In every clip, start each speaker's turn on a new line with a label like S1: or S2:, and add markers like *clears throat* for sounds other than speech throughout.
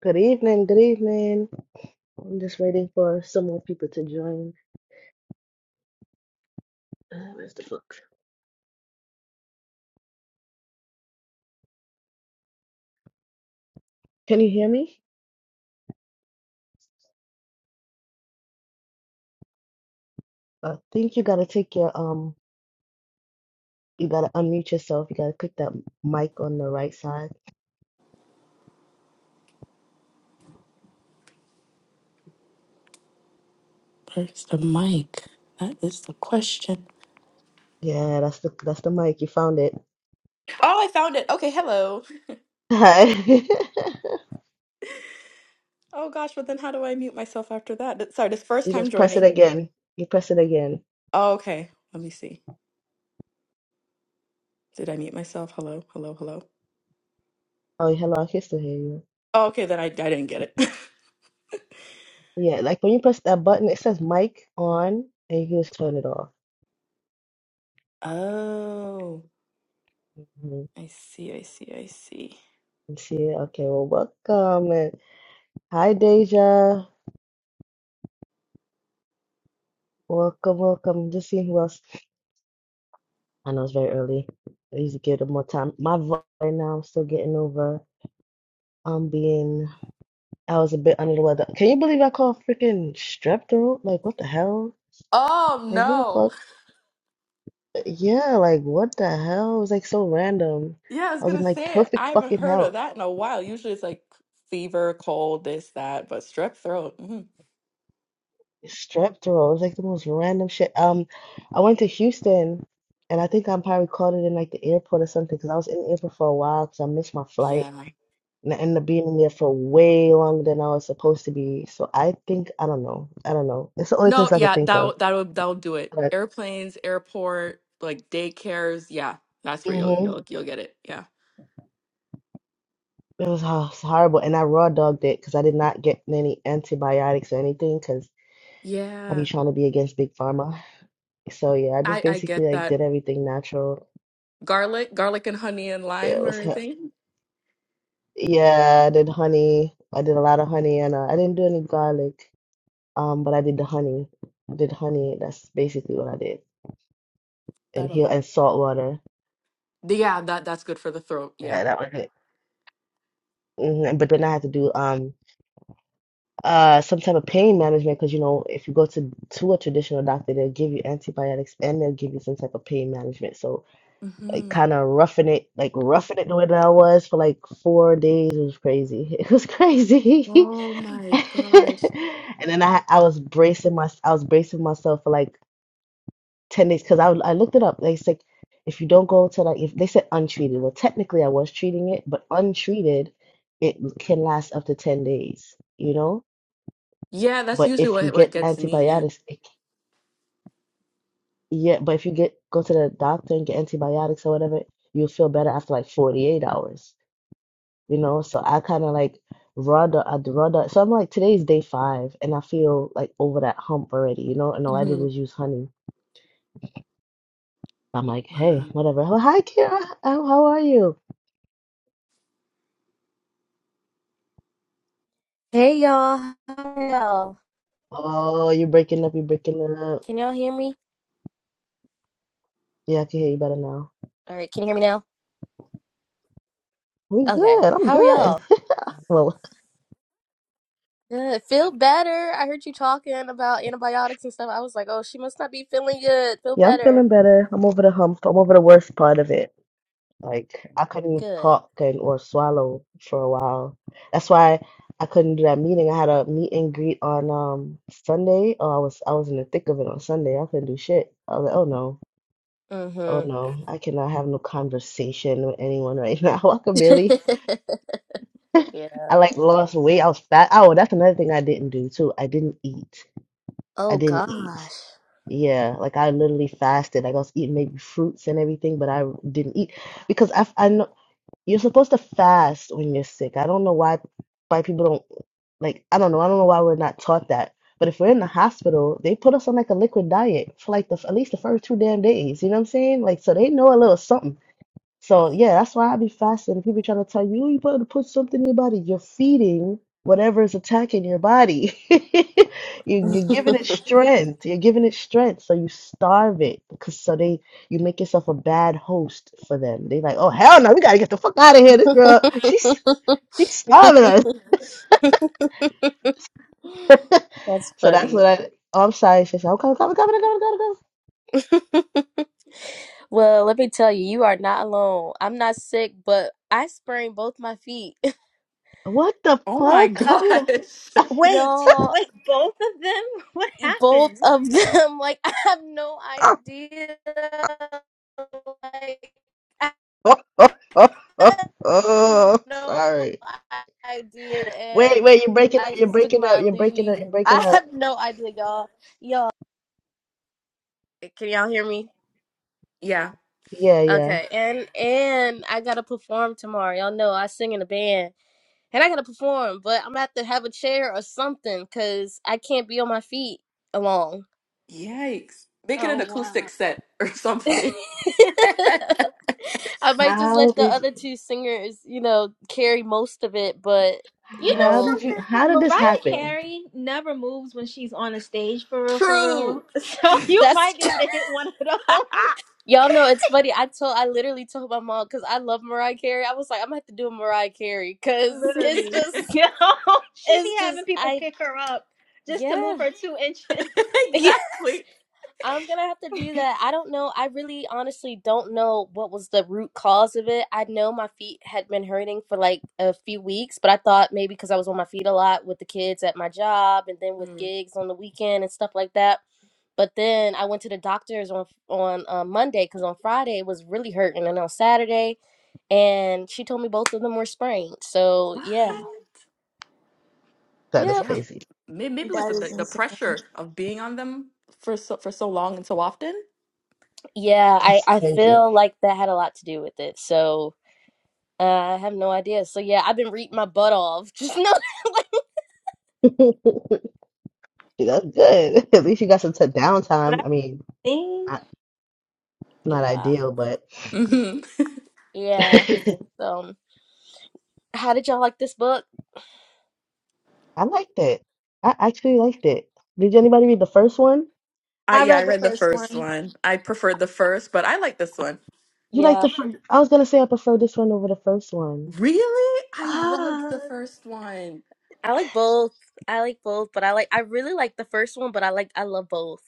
S1: Good evening, good evening. I'm just waiting for some more people to join. Uh, where's the book? Can you hear me? I think you gotta take your um, you gotta unmute yourself. You gotta click that mic on the right side.
S2: Where's the mic? That is the question.
S1: Yeah, that's the that's the mic. You found it.
S2: Oh, I found it. Okay, hello.
S1: Hi. *laughs*
S2: Oh gosh, but then how do I mute myself after that? That- Sorry, this first
S1: You
S2: time
S1: just press it
S2: joining.
S1: again. You press it again.
S2: Oh, okay, let me see. Did I mute myself? Hello, hello, hello.
S1: Oh, hello, I can still hear you.
S2: Oh, okay, then I, I didn't get it.
S1: Yeah, like when you press that button, it says mic on, and you can just turn it off.
S2: *laughs* oh,
S1: Mhm.
S2: I see, I see, I see.
S1: see it? Okay, well, welcome. And hi, Deja. Welcome, welcome. Just seeing who else. I know it's very early. I need to give it more time. My voice right now, I'm still getting over. um being. I was a bit under the weather. Can you believe I caught freaking strep throat? Like what the hell?
S2: Oh
S1: Like what the
S2: no.
S1: fuck? Yeah, like what the hell? It was like so random.
S2: Yeah, I was
S1: I was in
S2: gonna
S1: like
S2: say
S1: perfect
S2: I haven't
S1: fucking
S2: heard of
S1: health.
S2: that in a while. Usually it's like fever, cold, this, that, but strep throat. mhm.
S1: Strep throat. It was like the most random shit. Um, I went to Houston, and I think I probably caught it in like the airport or something because I was in the airport for a while because I missed my flight.
S2: Yeah.
S1: and I ended up being in there for way longer than I was supposed to be. So I think I don't know. I don't know. It's the only
S2: No,
S1: place I could
S2: yeah,
S1: think of.
S2: that'll that'll that'll do it.
S1: But
S2: Airplanes, airport, like daycares, yeah. That's where you'll
S1: hmm
S2: you'll you'll get it. Yeah.
S1: it was, oh, it's horrible, and I raw dogged it because I did not get any antibiotics or anything because I be
S2: Yeah.
S1: trying to be against big pharma. So yeah, I just
S2: I I
S1: basically
S2: get
S1: like
S2: that.
S1: did everything natural.
S2: Garlic, garlic and honey and
S1: It
S2: lime or
S1: was h-
S2: anything.
S1: yeah, I did honey. I did a lot of honey, and uh, I didn't do any garlic. Um, but I did the honey. I did honey. That's basically what I did, and
S2: That'll
S1: heal
S2: help.
S1: and salt water.
S2: Yeah, that that's good for the throat. Yeah.
S1: Yeah, that was it. hmm But then I had to do um uh some type of pain management because you know if you go to to a traditional doctor they'll give you antibiotics and they'll give you some type of pain management. So like
S2: hmm
S1: kind of roughing it like roughing it the way that I was for like four days it was crazy. *laughs* It was crazy.
S2: Oh
S1: *laughs*
S2: my gosh.
S1: And then I I was bracing my I was bracing myself for like 10 days because I, I looked it up. They said if you don't go to like if they said untreated, well technically I was treating it, but untreated it can last up to 10 days, you know?
S2: Yeah, that's
S1: But
S2: usually
S1: if you
S2: what what
S1: get
S2: gets me, yeah.
S1: antibiotics, it, c- yeah, but if you get go to the doctor and get antibiotics or whatever, you'll feel better after like 48 hours, you know? So I kind of like rather I'd rather so I'm like today's day 5 and I feel like over that hump already, you know? And all I did
S2: hmm
S1: was use honey. I'm like, "Hey,
S2: Wow.
S1: whatever. Oh, hi Kira. How how are you?"
S3: Hey y'all, how are y'all?
S1: Oh, you're breaking up. You're breaking up.
S3: Can y'all hear me?
S1: Yeah, I can hear you better now.
S3: All right, can you hear me now?
S1: We
S3: Okay,
S1: good. I'm
S3: how are
S1: good.
S3: y'all?
S1: *laughs* Well,
S3: Good. Feel better. I heard you talking about antibiotics and stuff. I was like, oh, she must not be feeling good. Feel
S1: yeah, I'm
S3: better.
S1: feeling better. I'm over the hump. I'm over the worst part of it. Like I couldn't
S3: Good.
S1: talk and or swallow for a while. That's why I couldn't do that meeting. I had a meet and greet on um Sunday. Oh, I was I was in the thick of it on Sunday. I couldn't do shit. I was like, oh no, oh
S3: Mm-hmm.
S1: no, I cannot have no conversation with anyone right *laughs* now. I could barely.
S3: *laughs* yeah.
S1: I like lost weight. I was fat. Oh, that's another thing I didn't do too. I didn't eat. I
S3: Oh
S1: didn't eat.
S3: gosh.
S1: Yeah, like I literally fasted. Like I was eating maybe fruits and everything, but I didn't eat because I I know you're supposed to fast when you're sick. I don't know why why people don't like I don't know. I don't know why we're not taught that. But if we're in the hospital, they put us on like a liquid diet for like the at least the first two damn days. You know what I'm saying? Like so they know a little something. So yeah, that's why I be fascinated. People trying to tell you, oh, you better put something in your body. You're feeding whatever is attacking your body. *laughs* you, you're giving it
S3: *laughs*
S1: strength. You're giving it strength. So you starve it because so they you make yourself a bad host for them. They like, oh hell no, we gotta get the fuck out of here. This girl, she's she's starving us. *laughs*
S3: That's
S1: So that's
S3: funny.
S1: what I. Oh, I'm sorry. She's like, okay, okay, okay, okay, okay, okay, okay.
S3: *laughs* Well, let me tell you, you are not alone. I'm not sick, but I sprained both my feet. *laughs*
S1: What the
S2: Oh my
S1: fuck? How did?
S2: gosh.
S4: Wait,
S3: Y'all,
S4: wait, both of them? *laughs* What
S3: e, both
S4: happened?
S3: of them. *laughs* Like I have no idea. Like *laughs* I
S1: *laughs* oh, oh, oh, oh, oh,
S3: have
S1: oh,
S3: no
S1: sorry.
S3: idea, and
S1: Wait, wait, you're breaking up,
S3: I
S1: you're
S3: just took
S1: breaking up,
S3: my
S1: you're breaking up,
S3: leave.
S1: you're breaking
S3: I
S1: up.
S3: have no idea, y'all. Y'all, can y'all hear me?
S2: *laughs* Yeah.
S1: Yeah, yeah.
S3: Okay, and and I gotta perform tomorrow. Y'all know I sing in a band, and I gotta perform, but I'm gonna have to have a chair or something, cause I can't be on my feet alone.
S2: Yikes. Make it an
S4: Oh,
S2: acoustic
S4: wow.
S2: set or
S3: *laughs*
S2: something. *laughs*
S3: I might just
S1: How
S3: let the
S1: did you,
S3: other two singers, you know, carry most of it, but
S4: You
S3: you
S1: how
S4: know
S3: know,
S1: did you, how
S4: something?
S1: did this
S4: Mariah
S1: happen?
S4: Carey never moves when she's on a stage, for real, for
S2: True.
S4: real. *laughs* So you might
S3: that's
S4: be able to hit one of
S2: *laughs*
S4: those.
S3: *laughs* y'all know it's funny. I told I literally told my mom cuz I love Mariah Carey. I was like, I'm going to have to do a Mariah Carey
S4: *laughs*
S3: cuz
S2: *laughs*
S3: it's
S4: Literally.
S3: just
S4: You know, *laughs* she be
S3: it's just
S4: having people
S3: I
S4: pick her up just to move
S3: yeah.
S4: her two inches.
S3: *laughs*
S2: exactly.
S3: I'm gonna have to do that. I don't know. I really honestly don't know what was the root cause of it. I know my feet had been hurting for like a few weeks, but I thought maybe because I was on my feet a lot with the kids at my job and then with
S2: Mm.
S3: gigs on the weekend and stuff like that. But then I went to the doctors on on uh, Monday because on Friday it was really hurting, and on Saturday, and she told me both of them were sprained. So
S2: What?
S3: yeah,
S1: That is
S3: yep,
S2: Yeah.
S1: crazy.
S2: May- Maybe it was
S4: That is
S2: the, the
S4: insane.
S2: pressure of being on them for so for so long and so often.
S3: yeah. I
S1: That's
S3: I
S1: crazy.
S3: feel like that had a lot to do with it. So Uh, I have no idea. So yeah, I've been reading my butt off. *laughs* Just know.
S1: *laughs* Dude, that's good. *laughs* At least you got some t
S4: But
S1: downtime.
S4: I
S1: I mean,
S4: think
S1: not, not
S3: Yeah,
S1: ideal, but
S2: hmm
S1: *laughs*
S3: yeah.
S1: I
S3: So, how did y'all like this book?
S1: liked it. I actually liked it. Did anybody read the first one?
S2: I
S4: I
S2: yeah, I
S4: read the
S2: read the
S4: first
S2: first
S4: one.
S2: one. I preferred the first, but I like this one.
S1: You like
S3: Yeah,
S1: the first, I was gonna say I prefer this one over the first one.
S2: Really? I loved the
S4: Ah.
S2: first one.
S3: I like both. I like both, but I like I really like the first one, but I like I love both.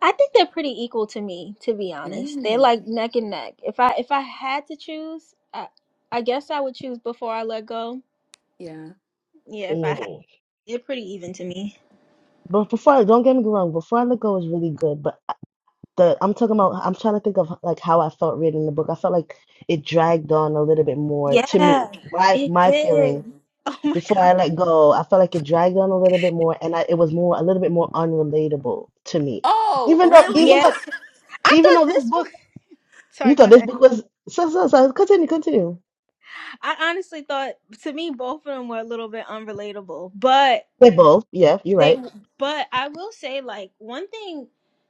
S4: I think they're pretty equal to me, to be honest. They're
S2: Mm,
S4: like neck and neck. If I if I had to choose, I I guess I would choose before I let go.
S2: yeah.
S4: Yeah, if I had,
S1: Mm.
S4: they're pretty even to me.
S1: But before, don't get me wrong, Before I Let Go is really good, but the I'm talking about I'm trying to think of like how I felt reading the book. I felt like it dragged on a little bit more to
S4: Yeah,
S1: me. My
S4: it
S1: my
S4: did.
S1: feeling
S4: *laughs* Oh my
S1: before
S4: god.
S1: I let go, I felt like it dragged on a little bit more and I, it was more a little bit more unrelatable to me.
S2: Oh,
S1: Even though
S2: really?
S1: even
S4: Yeah,
S1: though
S4: I
S1: even
S4: thought
S1: though this
S4: this one.
S1: book
S4: *laughs*
S1: you
S4: Sorry, go
S1: thought this
S4: ahead.
S1: book was so so so continue, continue.
S4: I honestly thought to me both of them were a little bit unrelatable, but
S1: They both, yeah, you're
S4: they
S1: right.
S4: but i will say like one thing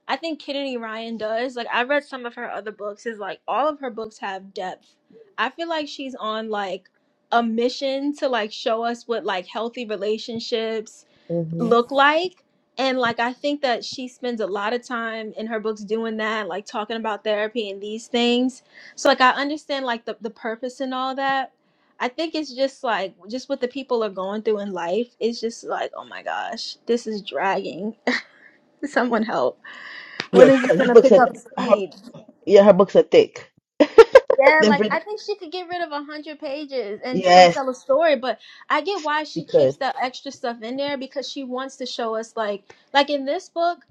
S4: i think kennedy ryan does like i read some of her other books is like all of her books have depth i feel like she's on like a mission to like show us what like healthy relationships
S1: Mm-hmm.
S4: look like and like i think that she spends a lot of time in her books doing that like talking about therapy and these things so like i understand like the, the purpose and all that i think it's just like just what the people are going through in life it's just like oh my gosh this is dragging *laughs* someone help
S1: Yeah,
S4: when is this
S1: because his
S4: gonna
S1: books
S4: pick
S1: are th-
S4: up
S1: her,
S4: speed
S1: yeah, her books are thick.
S4: Yeah,
S1: The
S4: like I
S1: Brit
S4: think she could get rid of a hundred pages and still
S1: yes,
S4: tell a story, but I get why
S1: she
S4: she
S1: could.
S4: keeps that extra stuff in there because she wants to show us like like in this book,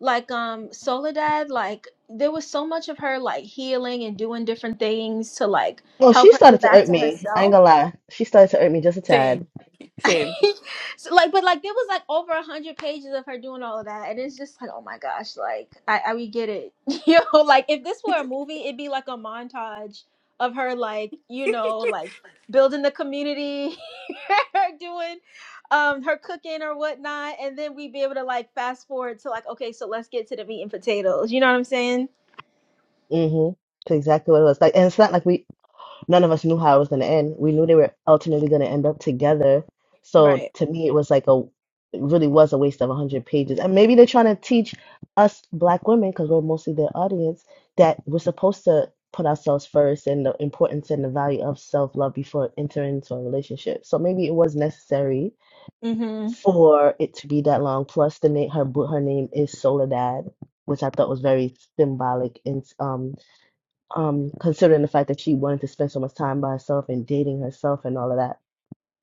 S4: like um Soledad, like there was so much of her like healing and doing different things to like
S1: Well,
S4: help
S1: she
S4: her get
S1: started to
S4: back
S1: irk
S4: to
S1: me. I ain't
S4: herself.
S1: gonna lie. She started to irk me just a
S2: *laughs*
S1: tad.
S2: Same.
S4: *laughs*
S2: Same.
S4: so like but like there was like over a hundred pages of her doing all of that and it's just like oh my gosh like i, I we get it *laughs* you know like if this
S2: *laughs*
S4: were a movie it'd be like a montage of her like you know like building the community *laughs* her doing um her cooking or whatnot and then we'd be able to like fast forward to like okay so let's get to the meat and potatoes you know what i'm saying
S1: Mm-hmm. That's exactly what it was like. And it's not like we none of us knew how it was going to end. We knew they were ultimately going to end up together. So
S4: right
S1: to me, it was like a it really was a waste of 100 pages. And maybe they're trying to teach us black women, because we're mostly their audience, that we're supposed to put ourselves first and the importance and the value of self love before entering into a relationship. So maybe it was necessary
S4: hmm
S1: for it to be that long. Plus, the name her bo- her name is Soledad, which I thought was very symbolic and um um, considering the fact that she wanted to spend so much time by herself and dating herself and all of that.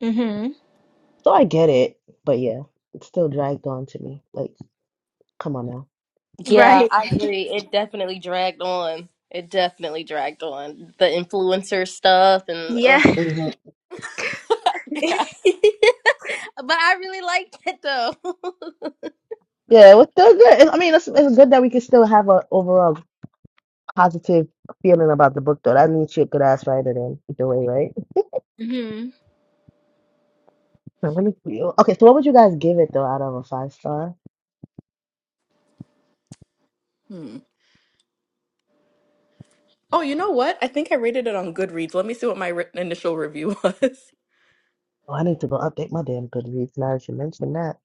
S4: hmm
S1: So I get it, but yeah, it's still dragged on to me. Like, come on now.
S3: Yeah,
S4: right
S3: I agree. It definitely dragged on. It definitely dragged on the influencer stuff and
S4: yeah
S3: ugh.
S1: hmm
S3: *laughs* but
S2: Yeah.
S3: I really liked it though. *laughs*
S1: Yeah, it was still good. It- I mean, it's, it's good that we can still have a overall positive feeling about the book, though. That means you're a good ass writer, then, either way, right?
S4: hmm
S1: So let me see. Okay, so what would you guys give it, though, out of a five star?
S2: Hmm. Oh, you know what? I think I rated it on Goodreads. Let me see what my re- initial review was.
S1: Oh, I need to go update my damn Goodreads now that you mentioned that.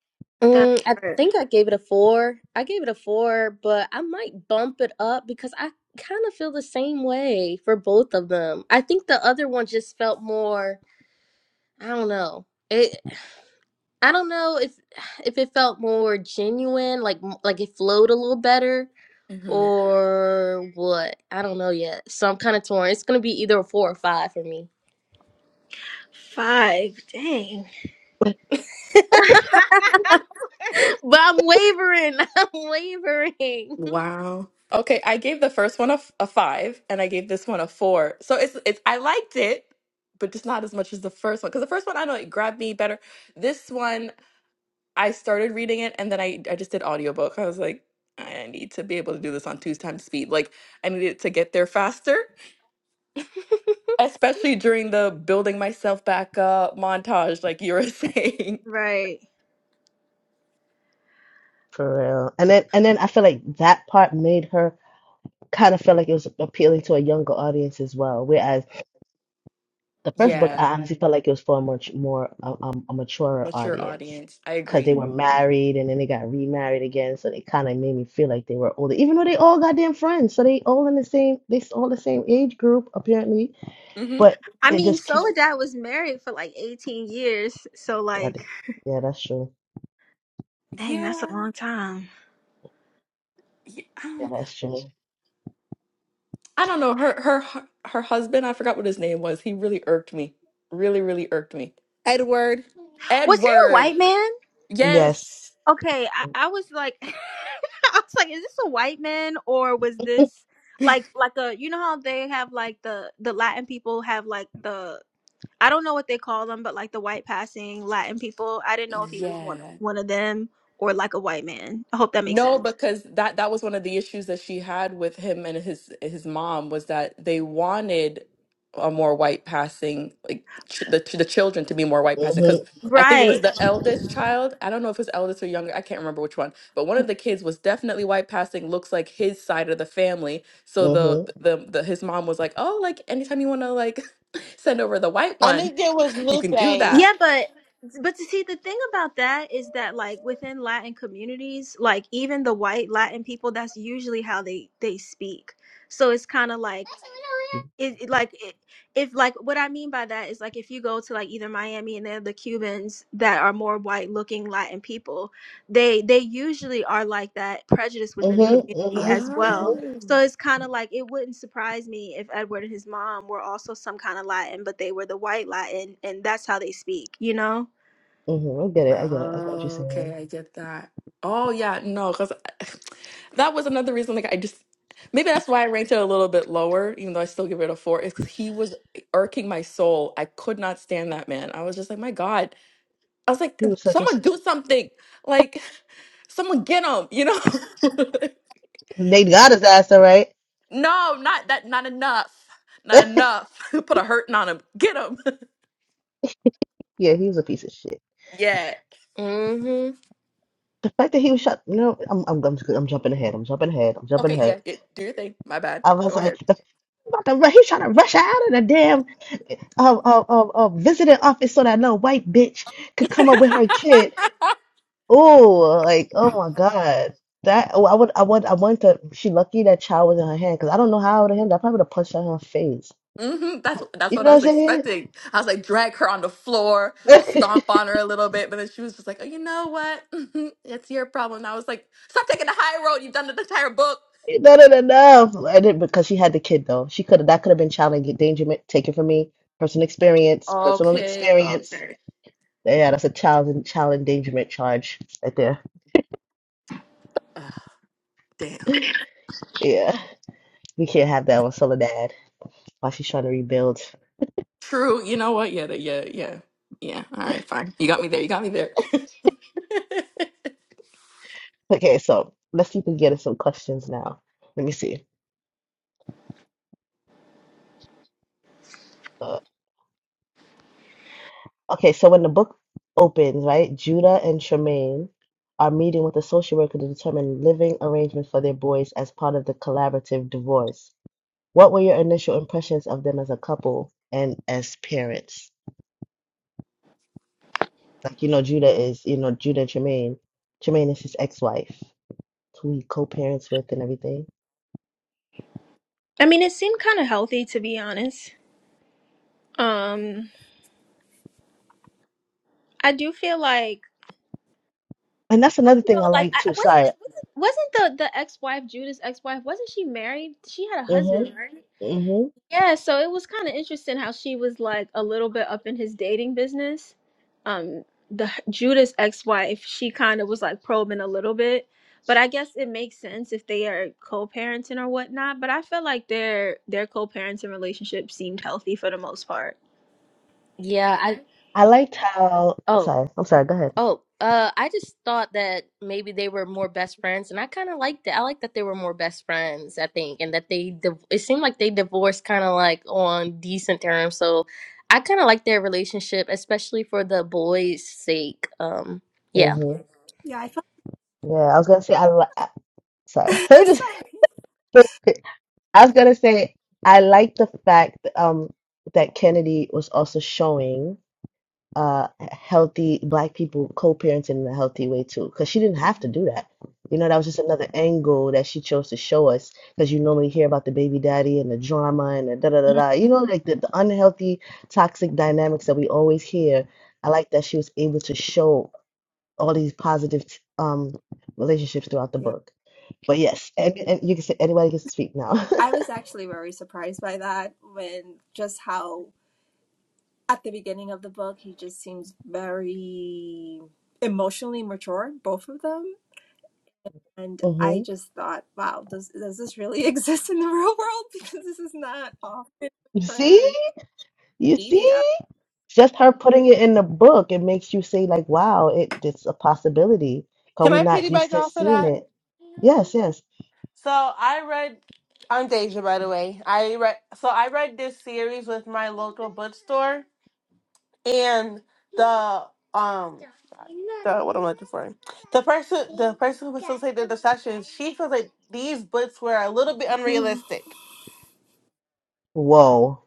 S4: that
S3: Mm, I
S4: part
S3: think I gave it a four. I gave it a four, but I might bump it up because I kind of feel the same way for both of them. I think the other one just felt more, I don't know. It, I don't know if if it felt more genuine, like m- like it flowed a little better
S2: *laughs*
S3: or what. I don't know yet. So I'm kind of torn. It's gonna be either a four or five for me.
S4: five dang
S3: *laughs* but
S4: *laughs*
S3: I'm wavering. *laughs* I'm wavering.
S2: Wow. Okay, I gave the first one a, f- a five, and I gave this one a four. So it's it's I liked it, but just not as much as the first one. Because the first one, I know it grabbed me better. This one, I started reading it, and then I I just did audiobook. I was like, I need to be able to do this on two times speed. Like I needed to get there faster, especially during the building myself back up montage, like you were *laughs* saying.
S4: right.
S1: For real. And then, and then I feel like that part made her. kind of felt like it was appealing to a younger audience as well. Whereas the first book,
S2: Yeah,
S1: I honestly felt like it was for a much more a, um a mature
S2: mature
S1: audience
S2: audience. I
S1: because they
S2: agree.
S1: were
S4: Mhm.
S1: married and then they got remarried again, so they kind of made me feel like they were older, even though they all goddamn friends, so they all in the same they s- all the same age group apparently,
S2: hmm
S1: but
S4: I
S1: it
S4: mean,
S1: just came.
S4: Soledad was married for like 18 years. So, like,
S1: God, Yeah, that's true.
S4: dang, that's a
S2: Yeah.
S4: long time.
S2: yeah.
S1: Yeah, that's true.
S2: I don't know her her her husband. I forgot what his name was. He really irked me. Really, really irked me.
S5: Edward.
S4: Was he a
S2: Edward.
S4: white man?
S2: Yes.
S1: Yes.
S4: Okay, I, I was like, *laughs* I was like, is this a white man or was this like, like a, you know how they have like the, the Latin people have like the, I don't know what they call them, but like the white passing Latin people. I didn't know if he was one of,
S2: Yeah.
S4: one of them or like a white man. I hope that makes
S2: No,
S4: sense.
S2: because that that was one of the issues that she had with him and his his mom was that they wanted a more white passing like ch the the children to be more white passing because
S1: Mhm.
S2: I think it was
S4: Right.
S2: the eldest child. I don't know if it was eldest or younger. I can't remember which one, but one of the kids was definitely white passing. Looks like his side of the family. So
S1: Mhm.
S2: the the, the his mom was like, "Oh, like anytime you want to like *laughs* send over the white
S5: I
S2: one,
S5: think it was
S2: you
S5: Lupe.
S2: can do
S5: Can
S2: that."
S4: Yeah, but but to see the thing about that is that like within Latin communities, like even the white Latin people, that's usually how they they speak. So it's kind of like it, it, like it, if like what I mean by that is like if you go to like either Miami and then the Cubans that are more white looking Latin people, they they usually are like that prejudice within the
S1: Mhm.
S4: community
S1: Mhm.
S4: as well.
S1: Mhm.
S2: Oh.
S4: So it's kind of like it wouldn't surprise me if Edward and his mom were also some kind of Latin, but they were the white Latin, and that's how they speak, you know.
S1: Mhm. I get it. I get it. I get what you're
S2: Oh, okay,
S1: saying.
S2: I get that. Oh, yeah, no, because *sighs* that was another reason. Like, I just maybe that's why I ranked it a little bit lower, even though I still give it a four. Is because he was irking my soul. I could not stand that man. I was just like, my God. I was like,
S1: He was such a
S2: someone do something. Like, *laughs* someone get him. You know? *laughs*
S1: They got his ass, all right.
S2: no, not that. Not enough. Not enough. *laughs* Put a hurting on him. Get him. *laughs*
S1: Yeah, he was a piece of shit.
S2: Yeah.
S3: hmm
S1: The fact that he was shot, no, I'm, I'm, I'm, I'm jumping ahead. I'm jumping ahead. I'm jumping
S2: Okay. Yeah.
S1: ahead.
S2: yeah, Do your thing. My bad.
S1: I was
S2: Go
S1: like,
S2: ahead.
S1: the, about to, ru- he trying to rush her out of the damn uh, uh, uh, uh, visiting office so that no white bitch could come up with
S2: *laughs*
S1: her kid. Oh, like, oh my God. That, oh, I would, I would, I want to, she lucky that child was in her hand because I don't know how I would have handled it. I probably would have punched her in her face.
S2: hmm That's that's
S1: You
S2: what I
S1: know
S2: was
S1: what I'm
S2: expecting. I was like, drag her on the floor,
S1: saying? *laughs*
S2: stomp on her a little bit, but then she was just like, oh, you know what? *laughs* Mhm, it's your problem. And I was like, stop taking the high road. You've done the entire book.
S1: Not enough. I didn't because she had the kid though. She could have that could have been child endangerment taken from me. Personal experience, personal
S2: Okay,
S1: experience.
S2: okay.
S1: Yeah, that's a child and child endangerment charge right there.
S2: Ugh, damn.
S1: Yeah, we can't have that on Soledad while she's trying to rebuild.
S2: True. You know what? Yeah, that- yeah, yeah, yeah. All right, fine. You got me there. You got me there. *laughs*
S1: Okay, so let's see if we can get us some questions now. Let me see. Uh, okay, so when the book opens, right, Judah and Tremaine are meeting with a social worker to determine living arrangements for their boys as part of the collaborative divorce. What were your initial impressions of them as a couple and as parents? Like, you know, Judah is, you know, Judah and Tremaine. Tremaine is his ex-wife, who he co-parents with and everything.
S4: I mean, it seemed kind of healthy to be honest. Um, I do feel like
S1: And that's
S4: I
S1: another
S4: don't
S1: thing
S4: know.
S1: I
S4: Like,
S1: like
S4: I I
S1: too. Sorry.
S4: wasn't wasn't wasn't the the ex wife Judah's ex wife? Wasn't she married? She had a husband,
S1: Mm-hmm.
S4: right?
S1: Mm-hmm.
S4: Yeah. So it was kind of interesting how she was like a little bit up in his dating business. Um, the h- Judah's ex wife, she kind of was like probing a little bit, but I guess it makes sense if they are co parenting or whatnot. But I felt like their their co parenting relationship seemed healthy for the most part.
S3: Yeah, I
S1: I liked how.
S3: oh.
S1: Sorry. I'm sorry. Go ahead.
S3: Oh, uh, I just thought that maybe they were more best friends, and I kind of liked it. I like that they were more best friends, I think, and that they div- it seemed like they divorced kind of like on decent terms. So I kind of like their relationship, especially for the boys' sake. Um, yeah.
S1: Mm-hmm.
S6: Yeah, I felt
S1: Yeah, I was gonna say I li I-
S6: *laughs*
S1: sorry. *laughs* Let me just.
S6: sorry.
S1: *laughs* I was gonna say I like the fact um that Kennedy was also showing. uh healthy black people co-parenting in a healthy way too because she didn't have to
S6: Mhm.
S1: do that you know that was just another angle that she chose to show us because you normally hear about the baby daddy and the drama and the da da da
S4: Mhm.
S1: da you know like the, the unhealthy toxic dynamics that we always hear I like that she was able to show all these positive um relationships throughout the
S6: Yeah,
S1: book but yes and, and you can say anybody gets to speak now *laughs*
S6: I was actually very surprised by that when just how at the beginning of the book he just seems very emotionally mature, both of them. And I
S1: hmm
S6: just thought, wow, does does this really *laughs* exist in the real world? *laughs* Because this is not often
S1: You see?
S6: true
S1: You see?
S6: media.
S1: Just her putting it in the book, it makes you say, like, wow, it, it's a possibility because we're
S5: I pity
S1: not
S5: bite
S1: used to
S5: y'all for
S1: seeing
S5: that?
S1: it. Yes, yes.
S5: So I read. I'm Deja, by the way. I read. So I read this series with my local bookstore, and the um, the what I'm looking for. The person, the person who facilitated the session, she feels like these books were a little bit unrealistic,
S1: Whoa.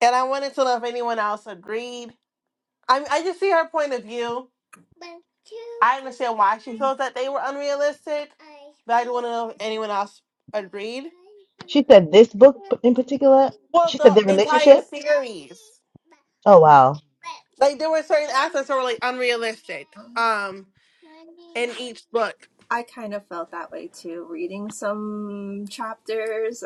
S5: and I wanted to know if anyone else agreed I I just see her point of view. I understand why she feels that they were unrealistic, but I don't want to know if anyone else agreed.
S1: She said this book p- in particular,
S5: Well,
S1: she said their
S5: the entire
S1: relationship.
S5: series,
S1: Oh, wow.
S5: like there were certain aspects that were like unrealistic.
S6: *sighs*
S5: Um, in each book.
S6: I kind of felt that way too, reading some chapters.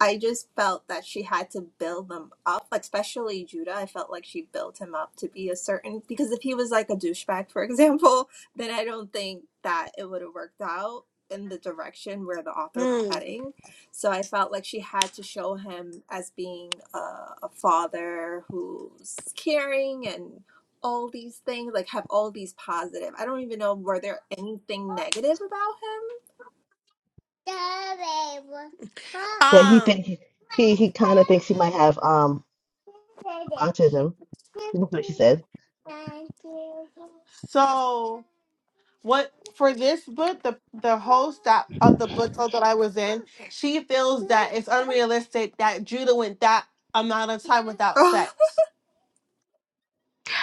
S6: I just felt that she had to build them up, like, especially Judah. I felt like she built him up to be a certain, because if he was like a douchebag, for *laughs* example, then I don't think that it would have worked out in the direction where the author was
S5: Hmm.
S6: heading. So I felt like she had to show him as being a, a father who's caring and all these things, like have all these positive. I don't even know were there anything negative about
S1: That he
S5: Um.
S1: think he he, he kind of thinks he might have um autism. *laughs* That's what she says.
S5: So what for this book, the the host that of the book club that I was in, she feels that it's unrealistic that Judah went that amount of time without
S6: him?
S5: sex.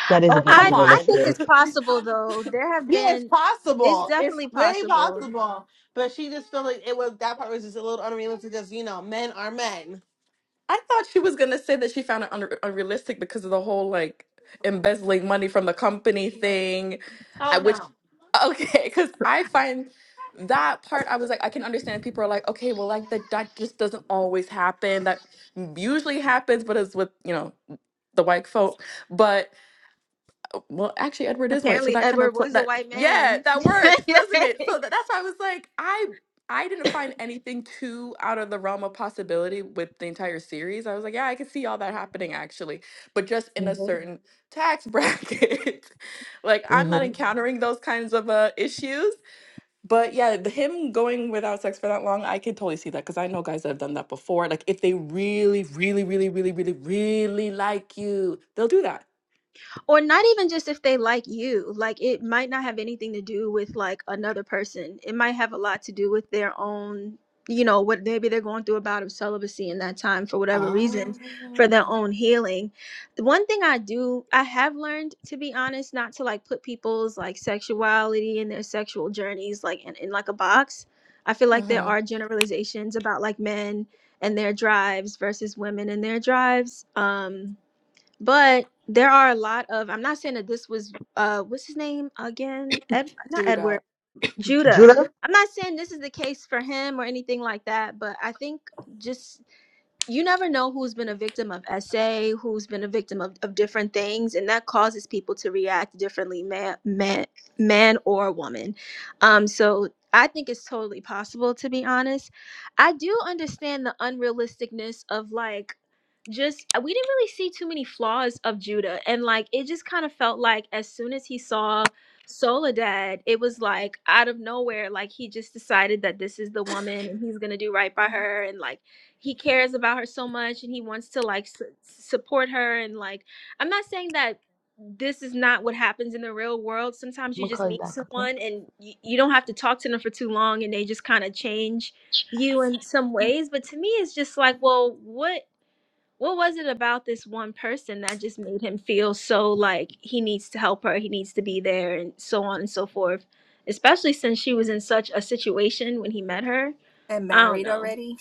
S1: That is a
S2: oh,
S1: bit
S2: come
S4: I I
S2: on.
S4: think it's
S1: unrealistic.
S4: possible though. There have
S5: Yeah, it's
S4: been. It's
S5: possible. *laughs* It's
S4: definitely
S5: very
S4: possible.
S5: possible. But she just felt like it was that part was just a little unrealistic because you know, men are men.
S2: I thought she was gonna say that she found it unre unrealistic because of the whole like embezzling money from the company
S6: *laughs* no.
S2: thing. I
S5: Oh
S2: which
S5: no.
S2: okay, because I find that part I was like I can understand people are like okay, well like that that just doesn't always happen. That usually happens, but it's with you know the white folk. But well, actually, Edward is white, so
S4: Apparently,
S2: that kind
S4: Edward
S2: of pl-
S4: was a
S2: that
S4: white
S2: yeah,
S4: man.
S2: that works,
S4: *laughs*
S2: doesn't it? So that, that's why I was like, I I didn't find anything too out of the realm of possibility with the entire series. I was like, yeah, I could see all that happening actually, but just in a
S1: Mm-hmm.
S2: certain tax bracket. *laughs* like I'm not
S1: Mm-hmm.
S2: encountering those kinds of uh, issues. But yeah, the, him going without sex for that long, I can totally see that because I know guys that have done that before. Like if they really, really, really, really, really, really like you, they'll do that.
S4: or not even just if they like you like it might not have anything to do with like another person it might have a lot to do with their own you know what maybe they're going through a bout of celibacy in that time for whatever reason for their
S2: Oh.
S4: own healing The one thing i do i have learned to be honest not to like put people's like sexuality and their sexual journeys like in, in like a box i feel like there
S2: Mm-hmm.
S4: are generalizations about like men and their drives versus women and their drives um but there are a lot of I'm not saying that this was uh what's his name again? Ed not
S2: Judah.
S4: Edward, Judah.
S1: Judah,
S4: I'm not saying this is the case for him or anything like that, but I think just you never know who's been a victim of SA, who's been a victim of, of different things, and that causes people to react differently, man, man, man or woman. Um, so I think it's totally possible, to be honest. I do understand the unrealisticness of like just uh, we didn't really see too many flaws of Judah, and like it just kind of felt like as soon as he saw Soledad, it was like out of nowhere, like he just decided that this is the woman and he's gonna do right by her, and like he cares about her so much and he wants to like su- support her and like i'm not saying that this is not what happens in the real world sometimes
S1: I'm
S4: you
S1: gonna
S4: just
S1: call you
S4: meet
S1: back, okay?
S4: someone and you, you don't have to talk to them for too long and they just kind of change you in some ways but to me it's just like well what what was it about this one person that just made him feel so like he needs to help her he needs to be there and so on and so forth especially since she was in such a situation when he met her
S6: And
S4: i don't
S6: married
S4: know
S6: already?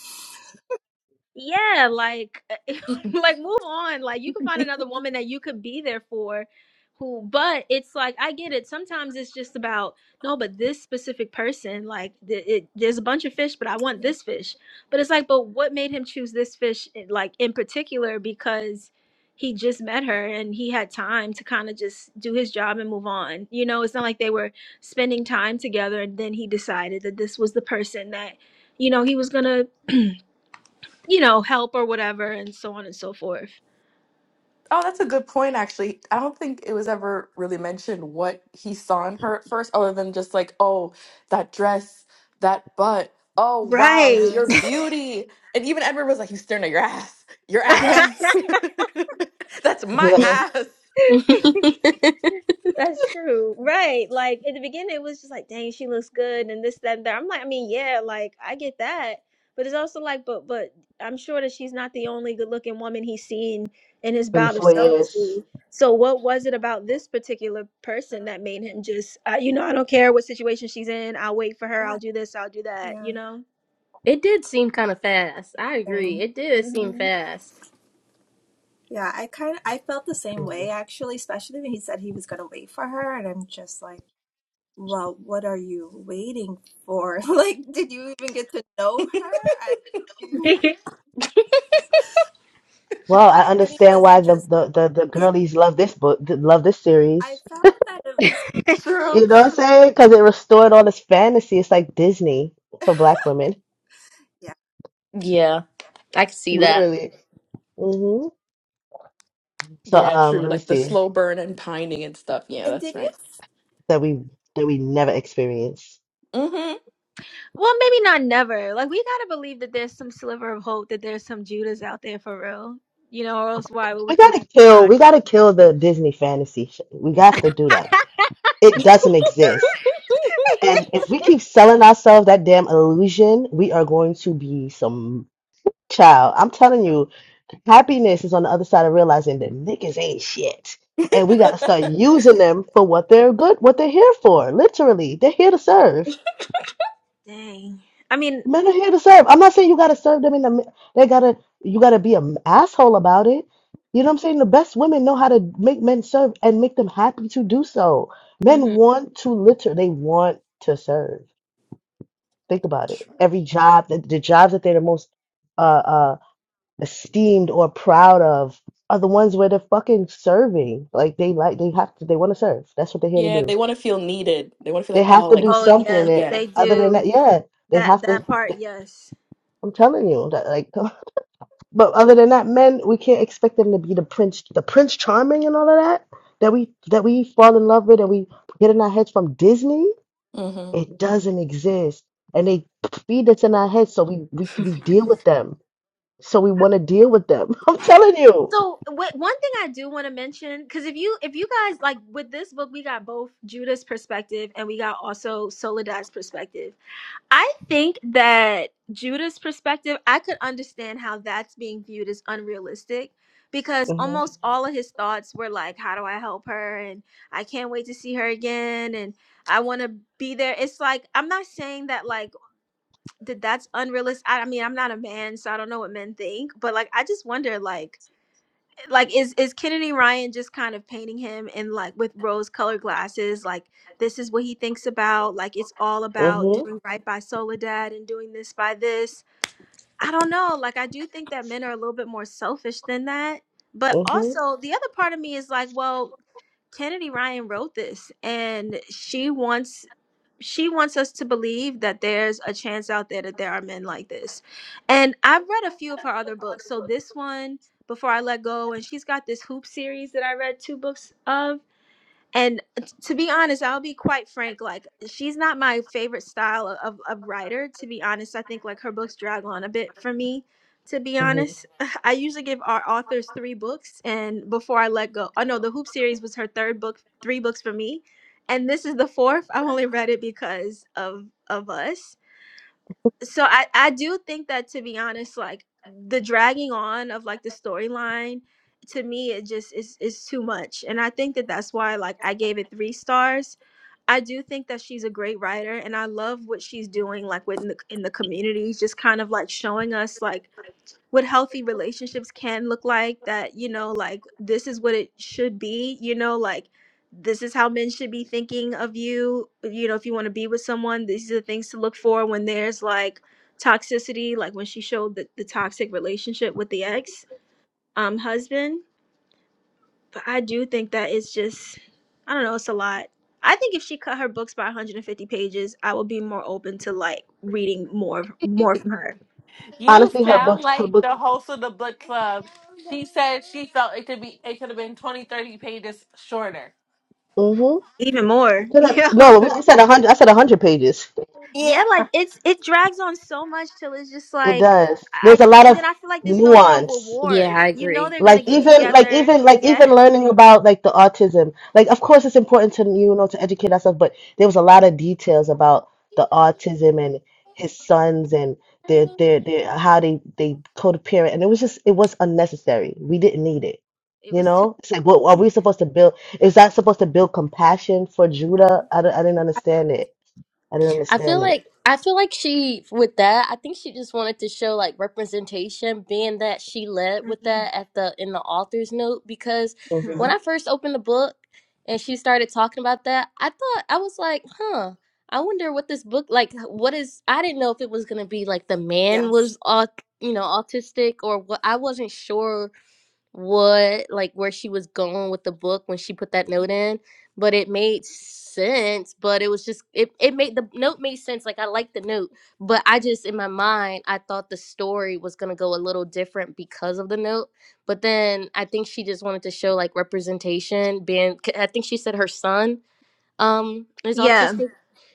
S4: yeah, like *laughs* like move on. Like you can find another woman that you could be there for who but it's like I get it. Sometimes it's just about no, but this specific person like th- it, there's a bunch of fish, but I want
S6: Yeah.
S4: this fish. But it's like but what made him choose this fish eh, like in particular because he just met her and he had time to kind of just do his job and move on. You know, it's not like they were spending time together and then he decided that this was the person that you know he was gonna you know, help or whatever, and so on and so forth.
S2: Oh, that's a good point, actually. I don't think it was ever really mentioned what he saw in her at first, other than just like, oh, that dress, that butt. Oh, wow,
S4: Right.
S2: your
S6: Yes.
S2: beauty. And even Edward was like, he's staring at your ass. Your
S4: *laughs*
S2: ass.
S6: Yes.
S2: *laughs* That's my
S6: Yeah.
S1: Yeah,
S2: ass.
S3: *laughs*
S4: That's true. Right. Like in the beginning, it was just like, dang, she looks good and this, that, and that. I'm like, I mean, yeah, like I get that. But it's also like, but, but I'm sure that she's not the only good looking woman he's seen in his
S1: been
S4: bout of
S1: four
S6: Yep.
S1: years.
S4: celibacy. So what was it about this particular
S6: Uh,
S4: person that made him just, uh, you know, I don't care what situation she's in. I'll wait for her.
S6: Yeah.
S4: I'll do this. I'll do that,
S6: Yeah.
S4: you know?
S3: It did seem kind of fast. I agree.
S6: Same.
S3: It did seem
S4: hmm
S3: fast.
S6: Yeah, I kind of I felt the same way
S1: Well,
S6: actually, especially when he said he was gonna wait for her, and I'm just like, well, what are you waiting for? *laughs* Like, did you even get to know her? I,
S4: *laughs*
S1: I
S6: I, I mean,
S1: understand
S6: was
S1: why
S6: it
S1: the
S6: just?
S1: the the, the
S6: Is
S1: girlies love this book, th- love this
S6: I
S1: series.
S6: felt that it was.
S2: True.
S1: You know what I'm saying? Because it restored all this fantasy. It's like Disney for black women,
S6: yeah,
S3: Yeah, I could see that.
S1: literally. hmm So,
S2: Yeah,
S1: um,
S2: true.
S1: let me
S2: Like the
S1: see
S2: slow burn and pining and stuff. Yeah,
S6: And
S2: that's
S6: did you?
S2: right.
S1: that we that we never experience.
S2: Mm-hmm.
S4: Well, maybe not never. Like we gotta believe that there's some sliver of hope that there's some Judas out there for real. You know, or else why would we
S1: We
S4: continue
S1: gotta kill.
S4: trying?
S1: We gotta kill the Disney fantasy. sh- We have to do that. It doesn't exist.
S3: *laughs*
S1: And if we keep selling ourselves that damn illusion, we are going to be some child. I'm telling you. Happiness is on the other side of realizing that niggas ain't shit. And we gotta start
S2: *laughs*
S1: using them for what they're good, what they're here for. Literally, they're here to serve.
S4: Dang. I mean,
S1: Men are here to serve. I'm not saying you gotta serve them in the. mi- They gotta. You gotta be an asshole about it. You know what I'm saying? The best women know how to make men serve and make them happy to do so. Men
S4: mhm.
S1: want to liter. They want to serve. Think about it. Every job, the, the jobs that they're the most uh, uh, esteemed or proud of are the ones where they're fucking serving. Like they like they have to they want to serve. That's what they're here to
S2: Yeah,
S1: do.
S2: they want to feel needed. They want to feel
S1: They
S2: like,
S1: have
S2: oh,
S1: to
S2: like,
S1: do
S4: oh
S1: something
S4: yes,
S1: that
S2: yeah.
S4: they
S1: other than that,
S4: do
S1: yeah, they
S4: that
S1: have to.
S4: that part.
S1: They,
S4: Yes.
S1: I'm telling you that like, *laughs* but other than that, men we can't expect them to be the prince, the prince charming and all of that that we that we fall in love with and we get in our heads from Disney. It doesn't exist, and they feed us in our heads, so we we we deal with them. So we want to deal with them. *laughs* I'm telling you.
S4: So wh- one thing I do want to mention, because if you if you guys like with this book, we got both Judas perspective and we got also Soledad's perspective. I think that Judah's perspective, I could understand how that's being viewed as unrealistic because
S1: Mhm,
S4: almost all of his thoughts were like, how do I help her? And I can't wait to see her again. And I want to be there. It's like, I'm not saying that, like, that that's unrealistic. I, I mean, I'm not a man, so I don't know what men think, but like, I just wonder, like, like is is Kennedy Ryan just kind of painting him in like with rose colored glasses like this is what he thinks about like it's all about
S1: mhm,
S4: doing right by Soledad and doing this by this I don't know like I do think that men are a little bit more selfish than that but
S1: mhm,
S4: also the other part of me is like well Kennedy Ryan wrote this and she wants she wants us to believe that there's a chance out there that there are men like this. And I've read a few of her other books. So this one, Before I Let Go, and she's got this hoop series that I read two books of and t- to be honest i'll be quite frank like she's not my favorite style of, of, of writer to be honest i think like her books drag on a bit for me to be
S1: mhm.
S4: honest *laughs* i usually give our authors three books and before i let go oh no the hoop series was her third book three books for me and this is the fourth i've only read it because of of us so I I do think that to be honest, like the dragging on of like the storyline to me it just is is too much, and I think that that's why like I gave it three stars. I do think that she's a great writer, and I love what she's doing like within the in the community, just kind of like showing us like what healthy relationships can look like that you know like this is what it should be you know like this is how men should be thinking of you uh, you know if you want to be with someone these are the things to look for when there's like toxicity like when she showed the, the toxic relationship with the ex um husband but i do think that it's just i don't know it's a lot i think if she cut her books by 150 pages i would be more open to like reading more more from her
S5: You
S1: Honestly, her
S5: sound
S1: book, her
S5: like
S1: book.
S5: the host of the book club. She said she felt it could be it could have been twenty thirty pages shorter.
S1: Mhm.
S4: even
S1: I
S4: more *laughs*
S1: feel like-
S4: yeah
S1: No, I said a hundred. I said a hundred pages.
S5: Yeah.
S4: yeah, like it's it drags on so much till it's just
S1: It
S4: like
S1: does.
S4: I
S1: There's a
S4: can't.
S1: lot
S4: And then
S1: of
S4: I feel like there's no real
S1: nuance.
S3: Yeah,
S4: reward.
S3: I
S4: You know
S3: agree.
S4: they're gonna
S1: like
S4: get
S1: even like
S4: together.
S1: even like
S4: Yeah,
S1: even learning about like the autism like of course it's important to you know to educate ourselves but there was a lot of details about the autism and his sons and their their, their how they they co-parent and it was just it was unnecessary we didn't need it
S4: it
S1: you
S4: was too.
S1: know it's like what are we supposed to build is that supposed to build compassion for
S6: Yeah.
S1: Judah I, don't- I didn't
S6: I,
S1: understand it I didn't
S3: I feel
S1: understand it
S3: like I feel like she with that. I think she just wanted to show like representation, being that she led with that at the in the author's note. Because
S4: Mhm.
S3: when
S1: hmm
S3: I first opened the book and she started talking about that, I thought I was like, huh. I wonder what this book like. What is? I didn't know if it was gonna be like the man
S6: yes.
S3: was, au- you know, autistic or what. I wasn't sure what like where she was going with the book when she put that note in but it made sense but it was just it, it made the note made sense like i liked the note but i just in my mind i thought the story was going to go a little different because of the note but then i think she just wanted to show like representation being 'cause i think she said her son um is
S4: Yeah,
S3: autistic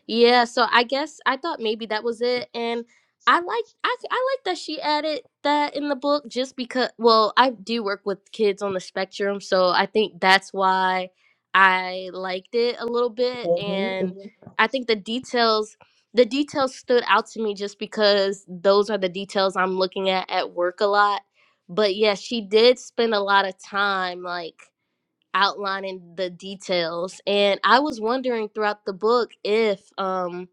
S3: yeah so i guess i thought maybe that was it and i like i, I like that she added that in the book just because well i do work with kids on the spectrum so i think that's why i liked it a little bit
S1: hmm
S3: and
S1: hmm
S3: i think the details the details stood out to me just because those are the details i'm looking at at work a lot but yeah she did spend a lot of time like outlining the details and i was wondering throughout the book if um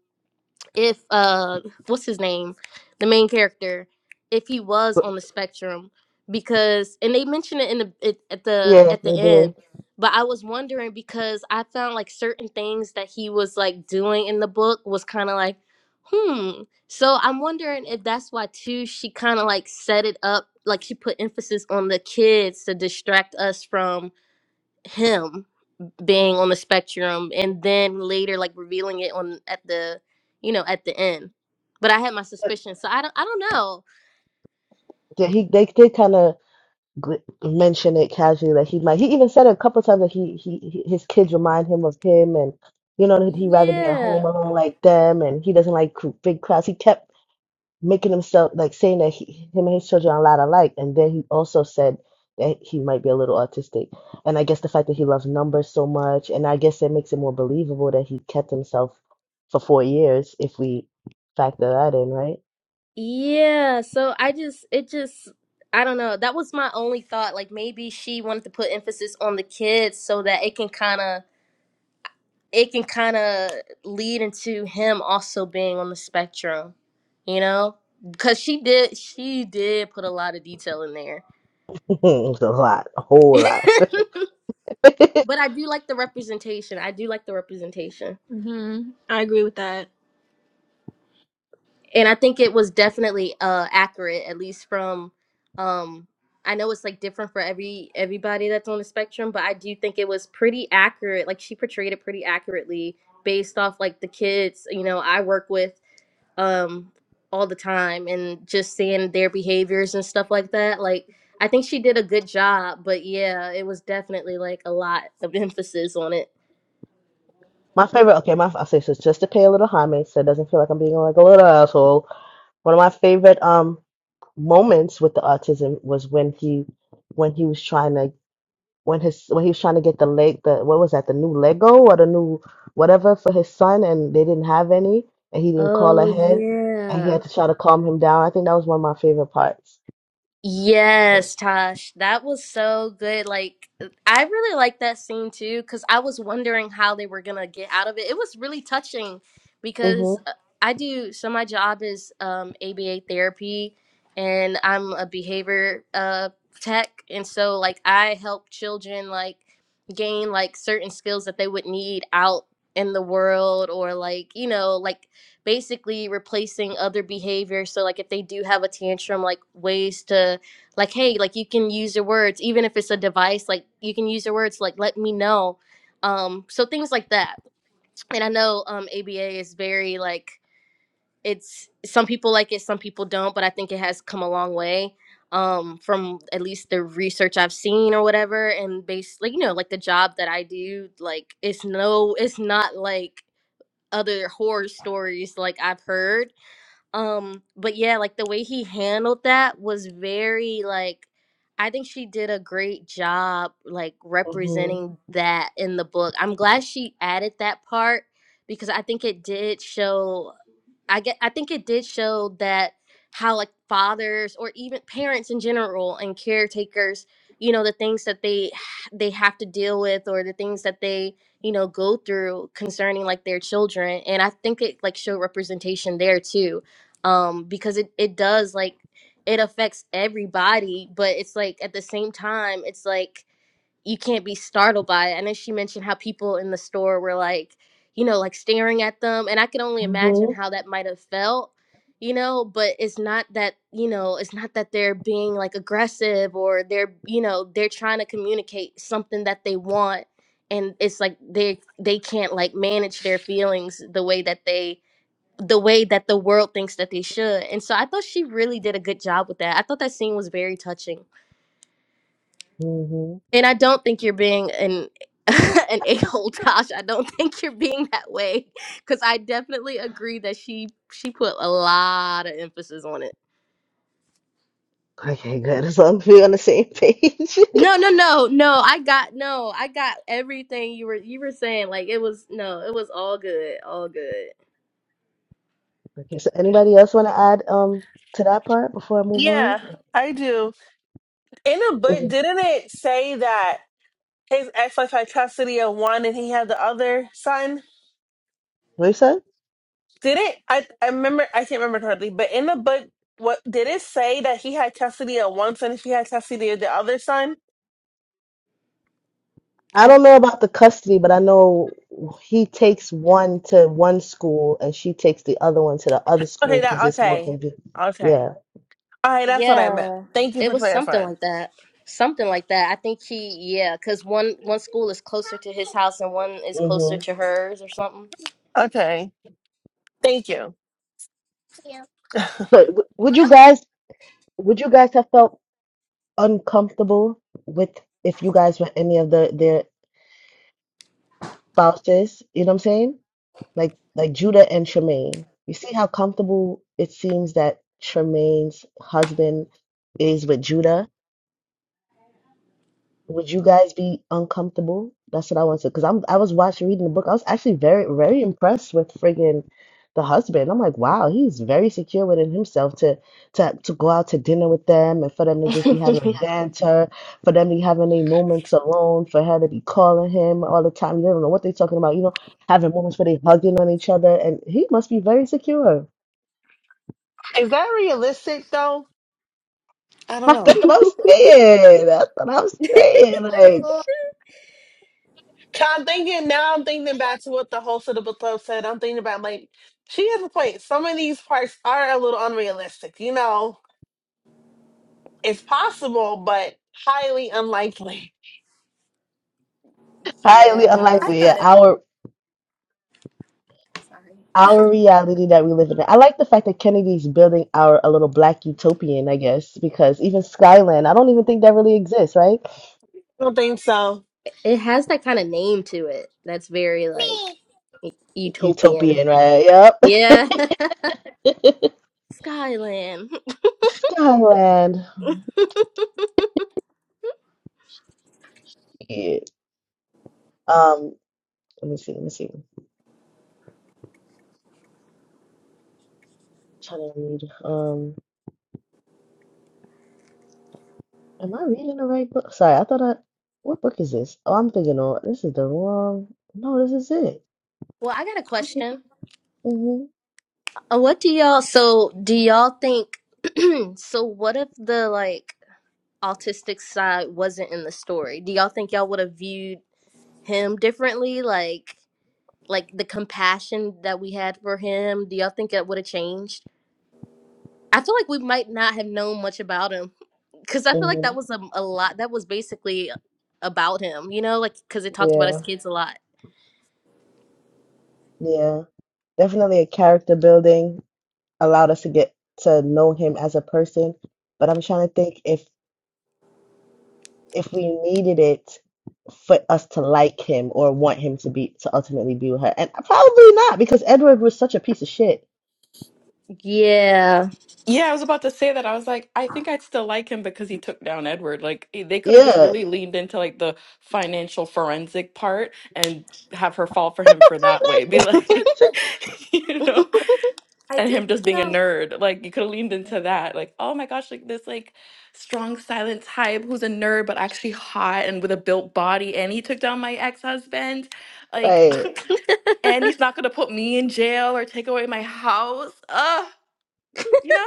S3: if uh what's his name the main character if he was on the spectrum because and they mention it in the it, at the
S1: yeah
S3: at the
S1: they did
S3: end but i was wondering because i found like certain things that he was like doing in the book was kind of like hmm so i'm wondering if that's why too she kind of like set it up like she put emphasis on the kids to distract us from him being on the spectrum and then later like revealing it on at the you know at the end but i had my suspicions so i don't i don't know
S1: Yeah, he they did kind of mention it casually that he might. He even said a couple times that he, he he- his kids remind him of him, and you know that he'd rather be at home
S3: yeah
S1: alone like them, and he doesn't like cr- big crowds. He kept making himself like saying that he, him and his children are a lot alike, and then he also said that he might be a little autistic, and I guess the fact that he loves numbers so much, and I guess it makes it more believable that he kept himself for four years if we factor that in, right?
S3: yeah so i just it just i don't know that was my only thought like maybe she wanted to put emphasis on the kids so that it can kind of it can kind of lead into him also being on the spectrum you know because she did she did put a lot of detail in there
S1: *laughs* It's a lot, a whole lot.
S3: *laughs*
S1: *laughs*
S3: but I do like the representation. I do like the representation,
S4: hmm I agree with that.
S3: and I think it was definitely uh accurate, at least from um. I know it's like different for every everybody that's on the spectrum, but I do think it was pretty accurate. Like she portrayed it pretty accurately based off like the kids, you know, I work with um all the time and just seeing their behaviors and stuff like that. Like I think she did a good job, but yeah, it was definitely like a lot of *laughs* emphasis on it.
S1: My favorite, okay, my I'll say this just to pay a little homage, so it doesn't feel like I'm being like a little asshole. One of my favorite um moments with the autism was when he when he was trying to when his when he was trying to get the leg the what was that the new Lego or the new whatever for his son and they didn't have any and he didn't call
S3: Oh
S1: ahead and he
S3: yeah.
S1: had to try to calm him down. I think that was one of my favorite parts. Sure.
S3: Yes, Tosh, that was so good. Like, I really liked that scene too, because I was wondering how they were gonna get out of it. It was really touching because
S1: Mhm.
S3: uh, I do. So my job is um, ABA therapy, and I'm a behavior uh, tech, and so like I help children like gain like certain skills that they would need out in the world, or like you know like basically replacing other behavior so like if they do have a tantrum like ways to like hey like you can use your words even if it's a device like you can use your words like let me know um so things like that and i know um aba is very like it's some people like it some people don't but i think it has come a long way um from at least the research i've seen or whatever and based like you know like the job that i do like it's no it's not like other horror stories like I've heard. Um, but yeah, like the way he handled that was very like I think she did a great job like
S1: Mhm.
S3: representing that in the book. I'm glad she added that part because I think it did show I get I think it did show that how like fathers or even parents in general and caretakers, you know, the things that they h- they have to deal with or the things that they you know go through concerning like their children and i think it like showed representation there too um because it it does like it affects everybody but it's like at the same time it's like you can't be startled by it and then she mentioned how people in the store were like you know like staring at them and i can only imagine
S1: Mhm.
S3: how that might have felt you know but it's not that you know it's not that they're being like aggressive or they're you know they're trying to communicate something that they want and it's like they they can't like manage their feelings the way that they the way that the world thinks that they should. And so I thought she really did a good job with that. I thought that scene was very touching.
S1: Mhm.
S3: And I don't think you're being an *laughs* an a-hole Tosh. I don't think you're being that way cuz I definitely agree that she she put a lot of emphasis on it.
S1: Okay, good. *laughs* As long as we're on the same page. *laughs*
S3: No, no, no. No, I got no. I got everything you were you were saying like it was no, it was all good, all good.
S1: Okay, so anybody else want to add um to that part before I move on?
S5: Yeah, I do. In the book,
S1: Mhm.
S5: didn't it say that his ex-wife had custody of one and he had the other son?
S1: What you said?
S5: Did it? I I remember. I can't remember hardly. But in the book, what did it say that he had custody of one son and she had custody of the other son?
S1: I
S3: I
S1: don't know about the custody, but I know he takes one to one school and she takes the other one to the other
S5: Okay,
S1: school because
S5: that
S1: it's more
S5: okay,
S1: convenient.
S5: okay,
S1: Yeah.
S5: all right. That's what I meant.
S3: Yeah,
S5: Thank you
S3: it
S5: for
S3: was something
S5: clarifying.
S3: like that. Something like that. I think he, yeah, because one one school is closer to his house and one is closer
S1: hmm
S3: to hers or something.
S5: Okay, thank you.
S1: But w would you guys would you guys have felt uncomfortable with if you guys were any of the their spouses? You know what I'm saying? like like Judah and Tremaine. You see how comfortable it seems that Tremaine's husband is with Judah? Would you guys be uncomfortable? That's what I want to, because I'm I was watching reading the book. I was actually very very impressed with friggin' the husband. I'm like, wow, he's very secure within himself to to to go out to dinner with them and for them to just be having
S3: *laughs*
S1: banter, for them to be having their moments alone, for her to be calling him all the time. You don't know what they're talking about. You know, having moments where they hugging on each other, and he must be very secure.
S5: Is that realistic though? I
S1: *laughs*
S5: don't
S1: That's
S5: know.
S1: what I'm saying. That's what I'm saying. Like
S5: 'Cause I'm thinking now. I'm thinking back to what the host of the book club said. I'm thinking about like she has a point. Some of these parts are a little unrealistic. You know, it's possible, but highly unlikely.
S1: highly
S3: yeah,
S6: I
S1: unlikely. Yeah,
S6: thought it.
S1: our
S6: Sorry.
S1: our reality that we live in. I like the fact that Kennedy's building our a little black utopian, I guess, because even Skyland, I don't even think that really exists, right?
S5: I don't think so.
S3: it has that kind of name to it. That's very like utopian.
S1: Utopian, right?
S3: Yeah,
S1: Yep. *laughs*
S3: *laughs* Skyland.
S1: Skyland.
S3: *laughs*
S1: Yeah. Um, let me see, let me see. trying to read. Um, am I reading the right book? Sorry, I thought I what book is this? Oh, I'm thinking, oh, this is the wrong. No, this is it.
S3: Well, I got a
S1: What?
S3: question. Uh, What do y'all, so do y'all think, *clears throat* so what if the like autistic side wasn't in the story? Do y'all think y'all would have viewed him differently? Like like the compassion that we had for him, do y'all think it would have changed? I feel like we might not have known much about him because I feel like
S1: hmm
S3: that was a, a lot. That was basically about him, you know, like because it talked about his
S1: Yeah,
S3: kids a lot.
S1: yeah. Definitely a character building allowed us to get to know him as a person. But I'm trying to think if if we needed it for us to like him or want him to be to ultimately be with her. And probably not because Edward was such a piece of shit.
S3: Yeah.
S2: Yeah, I was about to say that. I was like, I think I'd still like him because he took down Edward. Like eh, they could have just
S1: Yeah.
S2: really leaned into like the financial forensic part and have her fall for him for that way. Be
S3: *laughs*
S2: like, *laughs* you know,
S6: I
S2: and
S6: did
S2: him just being a
S6: feel.
S2: nerd. Like you could have leaned into that. Like, oh my gosh, like this like strong silent type who's a nerd but actually hot and with a built body and he took down my ex-husband. Like
S1: Right.
S2: *sighs* and he's not gonna put me in jail or take away my house. Ugh, you know?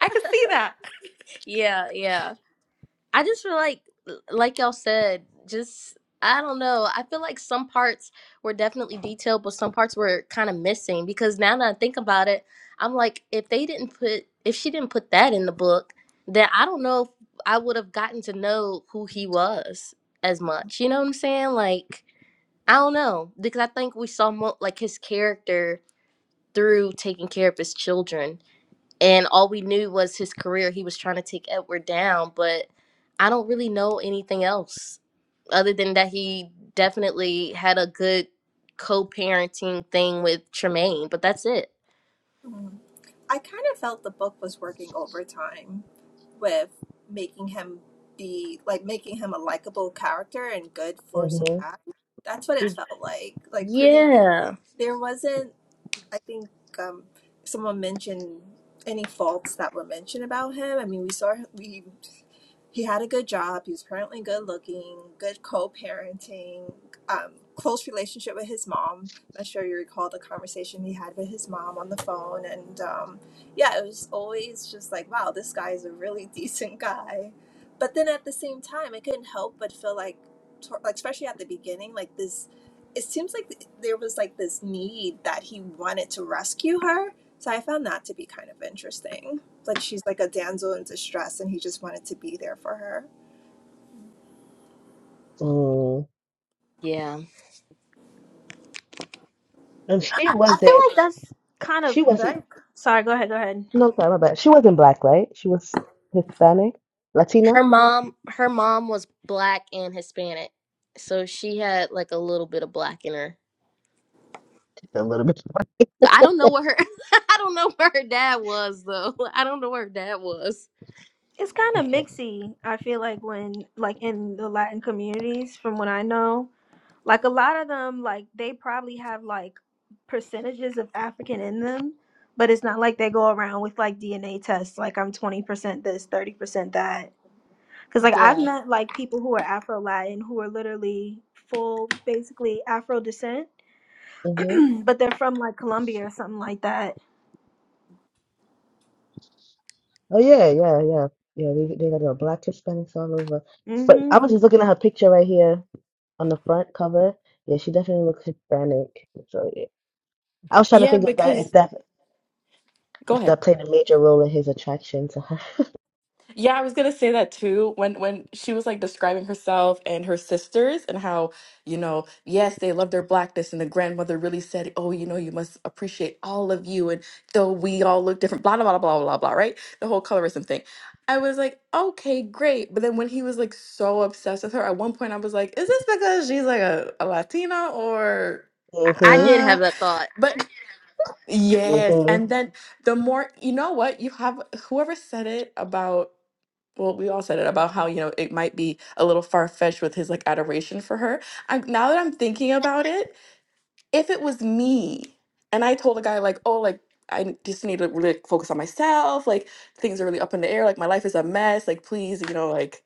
S2: I could see that.
S3: yeah, yeah. I just feel like, like y'all said, just I don't know. I feel like some parts were definitely detailed, but some parts were kind of missing. Because now that I think about it, I'm like, if they didn't put, if she didn't put that in the book, then I don't know if I would have gotten to know who he was as much. You know what I'm saying? Like, I don't know because I think we saw mo- like his character through taking care of his children and all we knew was his career. He was trying to take Edward down, but I don't really know anything else other than that he definitely had a good co-parenting thing with Tremaine, but that's it.
S6: hmm. I kind of felt the book was working overtime with making him be like making him a likable character and good for
S1: hmm
S6: Sabat. That's what it felt like. Like pretty much
S3: Yeah.
S6: there wasn't I think um someone mentioned any faults that were mentioned about him. I mean, we saw we he had a good job. He was apparently good looking, good co parenting, um, close relationship with his mom. I'm sure you recall the conversation he had with his mom on the phone. And um, yeah, it was always just like, wow, this guy is a really *laughs* decent guy. But then at the same time, I couldn't help but feel like, to- like especially at the beginning, like this. It seems like th- there was like this need that he wanted to rescue her, so I found that to be kind of interesting. Like she's like a damsel in distress and he just wanted to be there for her.
S1: Mm.
S3: Yeah.
S1: And she
S4: I feel
S1: wasn't,
S4: like that's kind of
S1: she
S4: very.
S1: wasn't,
S4: Sorry, go ahead. Go ahead.
S1: no, sorry, my bad. She wasn't black, right? She was Hispanic, Latina?
S3: Her mom her mom was black and Hispanic. So she had like a little bit of black in her.
S1: Just a little bit.
S3: But I don't know what her *laughs* I don't know where her dad was though. *laughs* I don't know where her dad was.
S4: It's kind of
S1: Okay.
S4: mixy. I feel like when like in the Latin communities, from what I know, Like a lot of them, like they probably have like percentages of African in them, but it's not like they go around with like DNA tests, like I'm 20% this, 30% that. Because like I've
S3: Yeah.
S4: met like people who are Afro Latin who are literally full, basically Afro descent,
S1: hmm
S4: *clears throat* but they're from like Colombia or something like that.
S1: Oh, yeah, yeah, yeah. Yeah, they, they got a black Hispanics all over. But
S4: Mm-hmm.
S1: I was just looking at her picture right here on the front cover. Yeah, she definitely looks Hispanic. So, yeah. I was trying to
S2: Yeah,
S1: think of that, if
S2: because
S1: that,
S2: go
S1: if
S2: ahead.
S1: that played a major role in his attraction to her.
S2: Yeah, I was gonna say that too. When when she was like describing herself and her sisters and how, you know, yes, they love their blackness and the grandmother really said, Oh, you know, you must appreciate all of you and though we all look different, blah blah blah blah blah blah, right? The whole colorism thing. I was like, okay, great. But then when he was like so obsessed with her, at one point I was like, is this because she's like a, a Latina or
S1: *laughs*
S3: I, I
S1: hmm
S3: did
S2: uh
S3: have that thought.
S2: but Yes.
S1: hmm
S2: And then the more, you know what, you have whoever said it about, well, we all said it about how, you know, it might be a little far-fetched with his like adoration for her. I now that I'm thinking about it, if it was me and I told a guy like, "Oh, like I just need to really focus on myself. Like things are really up in the air. Like my life is a mess. Like please, you know, like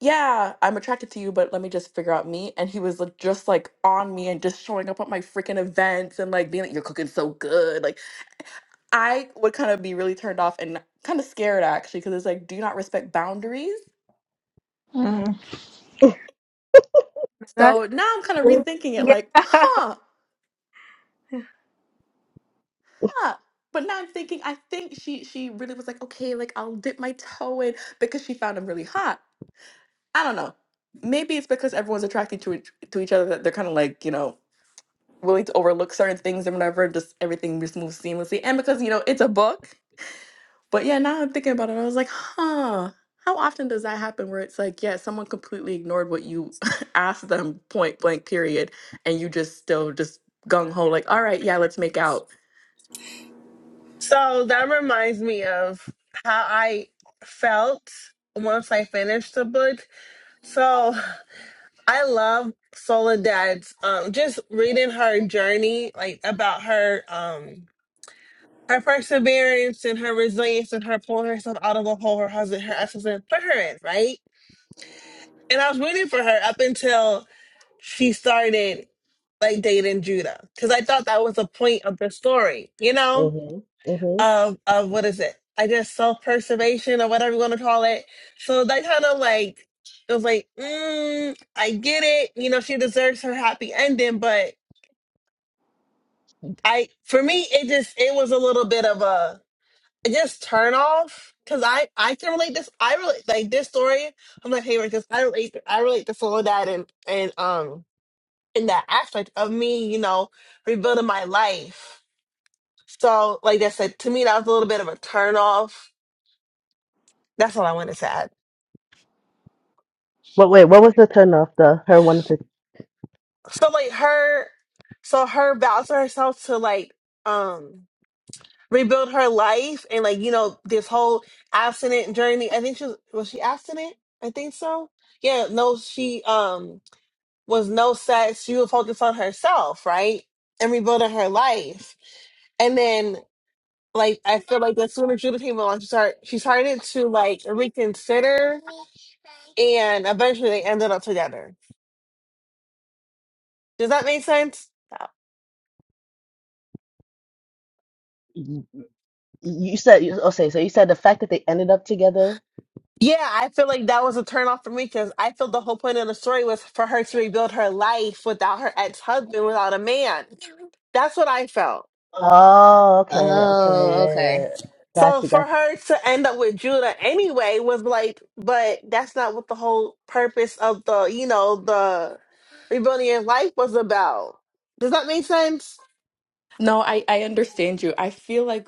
S2: yeah, I'm attracted to you, but let me just figure out me. And he was like, just like on me and just showing up at my freaking events and like being like, you're cooking so good. Like I would kind of be really turned off and kind of scared actually, because it's like, do you not respect boundaries?
S4: Mm. That's
S2: So now I'm kind of
S4: cool.
S2: rethinking it,
S4: yeah.
S2: like,
S4: *laughs* I
S2: huh, huh. But now I'm thinking, I think she she really was like, okay, like I'll dip my toe in because she found him really hot. I don't know. Maybe it's because everyone's attracted to each, to each other that they're kind of like, you know, willing to overlook certain things and whatever. Just everything just moves seamlessly, and because you know it's a book, But yeah, now I'm thinking about it. I was like, huh, how often does that happen where it's like, yeah, someone completely ignored what you *laughs* asked them point blank, period. And you just still just gung ho, like, all right, yeah, let's make out.
S5: So that reminds me of how I felt once I finished the book. So *sighs* I love Soledad's um just reading her journey, like about her um her perseverance and her resilience and her pulling herself out of a hole her husband, her ex-husband put her in, right? And I was rooting for her up until she started like dating Judah. Because I thought that was the point of the story, you know?
S1: hmm hmm
S5: of of what is it? I guess self preservation or whatever you want to call it. So that kind of like it was like, mm, I get it. You know, she deserves her happy ending, but I for me it just it was a little bit of a it just turn off because I I can relate this. I relate like this story. I'm like, hey, because I relate I relate to all of that and and um in that aspect of me, you know, rebuilding my life. So like I said, to me that was a little bit of a turn off. That's all I wanted to add.
S1: But wait, what was the turn off? The her wanted to.
S5: So like her, so her vows to herself to like um rebuild her life and like you know this whole abstinent journey. I think she was was she abstinent? I think so. Yeah, no, she um was no sex. She was focused on herself, right, and rebuilding her life. And then like I feel like as soon as Judah came along, she start she started to like reconsider, and eventually they ended up together. Does that make sense?
S1: You you said you- okay, so you said the fact that they ended up together.
S5: Yeah, I feel like that was a turnoff for me because I feel the whole point of the story was for her to rebuild her life without her ex husband, without a man. That's what I felt.
S1: Oh, okay, okay,
S3: Oh,
S1: yeah,
S3: okay.
S1: yeah,
S5: So
S1: yeah, yeah. gotcha,
S5: for her to end up with Judah anyway was like, but that's not what the whole purpose of the, you know, the rebuilding your life was about. Does that make sense?
S2: No, I, I understand you. I feel like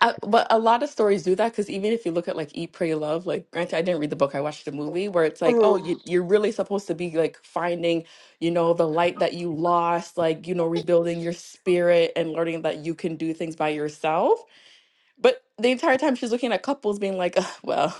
S2: I, but a lot of stories do that because even if you look at like Eat, Pray, Love, like granted, I didn't read the book, I watched the movie where it's like, oh,
S5: Mhm.
S2: you, you're really supposed to be like finding, you know, the light that you lost, like, you know, rebuilding your spirit and learning that you can do things by yourself. But the entire time she's looking at couples being like, "Ugh, well,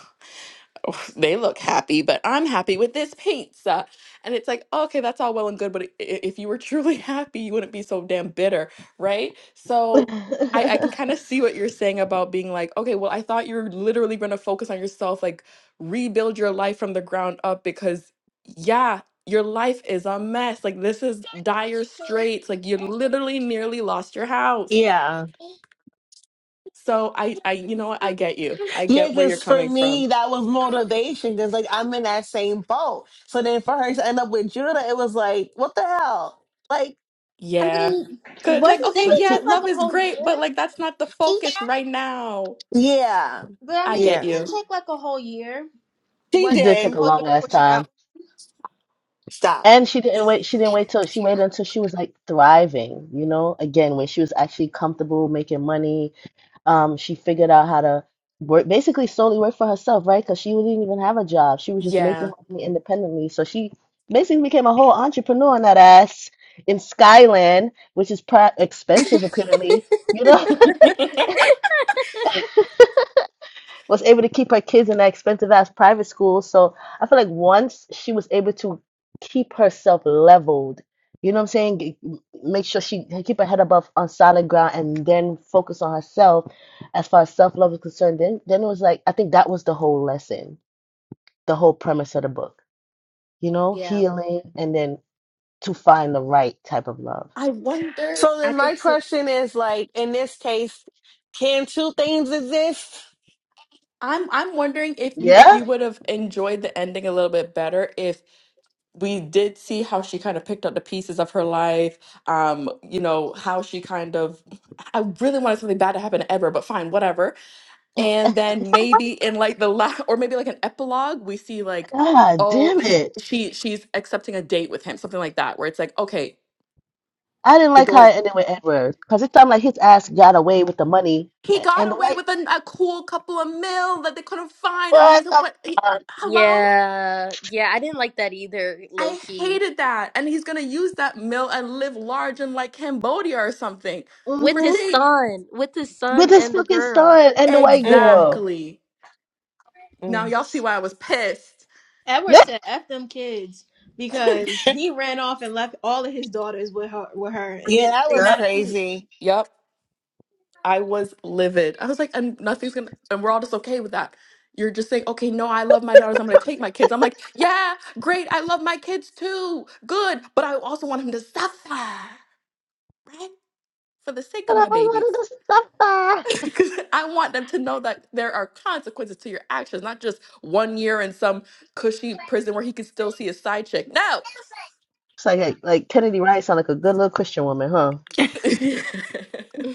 S2: "Oh, they look happy, but I'm happy with this pizza. And it's like, okay, that's all well and good, but i- i- if you were truly *laughs* happy, you wouldn't be so damn bitter, right? So I, I can kind
S1: gotcha. *laughs*
S2: of see what you're saying about being like, okay, well, I thought you were literally going to focus on yourself, like rebuild your life from the ground up because, yeah, your life is a mess. Like, this is dire straits. Like, you literally nearly lost your house.
S5: Yeah.
S2: So I, I, you know what? I get you. I
S5: Yeah,
S2: get where you're
S5: because for
S2: coming from.
S5: me, that was motivation because, like, I'm in that same boat. So then for her to end up with Judah, it was like, what the hell? Like,
S2: Yeah.
S4: mean,
S2: Cause it's like,
S4: wasn't
S2: okay,
S4: didn't
S1: But
S4: it
S2: yeah,
S1: she
S4: take like
S2: love
S4: a
S2: is
S4: whole
S2: great,
S4: year?
S2: but like that's not the focus right now.
S5: yeah,
S4: But I
S2: I
S4: mean,
S2: get
S5: yeah.
S4: didn't it
S2: you.
S4: take like a whole year?
S5: She
S1: she
S4: Wasn't it
S1: did take
S5: did.
S1: a
S4: a whole year
S1: long ass
S4: before she got?
S1: time,
S5: Stop.
S1: and she didn't wait. She didn't wait till she waited until she was like thriving. You know, again when she was actually comfortable, making money, Um, she figured out how to work, basically solely work for herself, right? Because she didn't even have a job. She was just making
S2: Yeah.
S1: her money independently. So she basically became a whole entrepreneur on that ass in Skyland, which is pra expensive apparently, you
S3: *laughs*
S1: know? *laughs* was able to keep her kids in that expensive ass private school. So I feel like once she was able to keep herself leveled, you know what I'm saying? G- Make sure she keep her head above on solid ground and then focus on herself as far as self love is concerned. Then then it was like I think that was the whole lesson, the whole premise of the book. You know,
S3: Yeah,
S1: healing and then to find the right type of love.
S2: I wonder
S5: So
S3: I
S5: then my
S3: think so.
S5: question is, like, in this case, can two things exist?
S2: I'm I'm wondering if you if
S1: Yeah?
S2: you would have enjoyed the ending a little bit better if we did see how she kind of picked up the pieces of her life, um, you know, how she kind of I really wanted something bad to happen to Edward, but fine, whatever. and then maybe in like the last or maybe like an epilogue we see like
S1: God
S2: oh
S1: damn
S2: he
S1: it.
S2: she she's accepting a date with him something like that where it's like okay
S1: I didn't
S2: the
S1: like
S2: door
S1: how
S2: is
S1: it ended with Edward because it sounded like his ass got away with the money
S2: he got
S1: and the
S2: away
S1: white
S2: with an, a cool couple of mil that they couldn't find and
S1: What
S2: he's a
S1: the
S2: what he,
S1: fuck?
S2: hello
S3: Yeah, yeah, I didn't like that either, low
S2: i
S3: key.
S2: hated that and he's gonna use that mill and live large in like cambodia or something
S3: With
S2: for
S3: his
S1: Mm-hmm.
S2: cheap
S3: son, with his
S1: With
S3: son
S1: his
S3: and the
S1: fucking
S3: girl.
S1: son and the white
S5: Mm,
S1: girl.
S2: exactly now
S5: mm.
S2: y'all see why i was pissed
S4: Edward
S1: Yeah.
S4: said F them kids because he ran off and left all of his daughters with her with her and then
S5: Yeah, that
S4: they
S5: was
S1: But
S4: not a peep.
S5: crazy.
S2: yep I was livid. I was like, and nothing's gonna, and we're all just okay with that. You're just saying, okay, no, I love my daughters. I'm gonna take my kids. I'm like, yeah, great. I love my kids too. Good. But I also want them to suffer, right? For the sake of
S1: I
S2: my babies.
S1: wanted to stop that.
S2: *laughs* Because I want them to know that there are consequences to your actions, not just one year in some cushy prison where he can still see his side chick. No.
S1: It's like, like like Kennedy Wright sound like a good little Christian woman, huh?
S2: *laughs*
S3: *laughs* I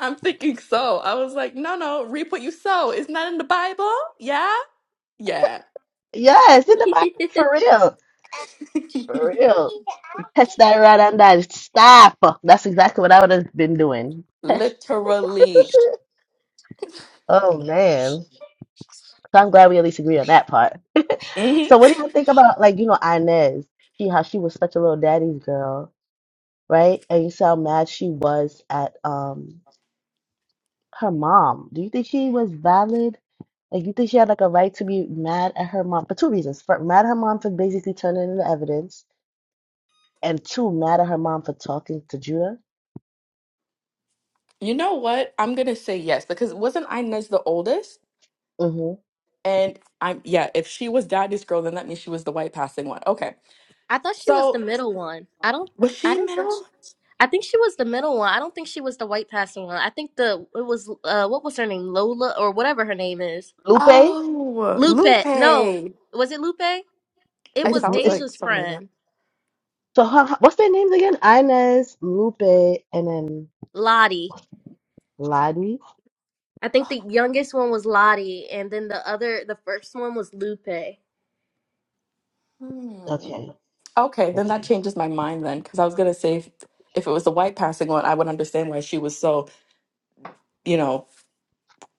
S2: I'm thinking so. I was like, no, no, reap what you sow. Isn't that in the Bible? Yeah. Yeah.
S1: Yes, in the Bible for real.
S2: *laughs*
S1: For real. Catch that right on that. Stop. That's exactly what I would have been doing.
S2: Literally.
S1: Oh man. So I'm glad we at least agree on that part. *laughs*
S2: *laughs* hmm
S1: so what do you think about like, you know, Inez? She how she was such a little daddy's girl, right? And you see how mad she was at um her mom. Do you think she was valid? Like, you think she had like a right to be mad at her mom for two reasons. For mad at her mom for basically turning in the evidence, and two, mad at her mom for talking to Judah.
S2: You know what? I'm gonna say yes because wasn't Inez the oldest?
S1: hmm
S2: And I'm yeah. If she was daddy's girl, then that means she was the white passing one. Okay.
S3: thought she was the
S2: So
S3: middle one. I don't,
S2: was
S3: I
S2: she
S3: didn't think she,
S2: middle?
S3: I think she was the middle one. I don't think she was the white passing one. I think the, it was, uh, what was her name? Lola or whatever her name is.
S1: Lupe, I
S2: Oh, Lupe.
S3: Lupe. No, was it Lupe? It
S2: It
S1: think it's,
S3: was
S1: Lu-
S2: sounds
S1: it's
S2: like
S3: Deja's
S2: something like that.
S3: friend,
S1: so. Her, her- what's their names again? Inez, Lupe, and then
S3: Lottie.
S1: Lottie.
S3: I think the youngest one was Lottie, and then the other, the first one was Lupe.
S2: Hmm.
S1: Okay,
S2: Okay, then that
S1: okay.
S2: changes my mind then because I was gonna say if, if it was the white passing one, I would understand why she was so you know.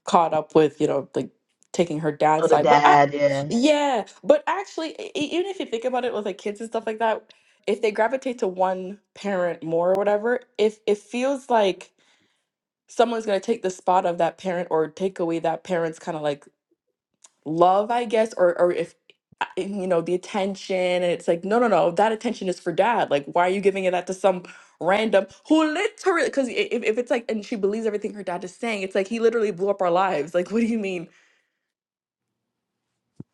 S2: caught up with you know like taking her dad's
S1: Oh, the
S2: side but i
S1: dad, yeah.
S2: yeah but actually e- e- even if you think about it with like kids and stuff like that if they gravitate to one parent more or whatever if it feels like someone's going to take the spot of that parent or take away that parent's kind of like love i guess or or if uh, you know the attention and it's like no no no that attention is for dad like why are you giving it that to some random who literally because if, if it's like and she believes everything her dad is saying it's like he literally blew up our lives like what do you mean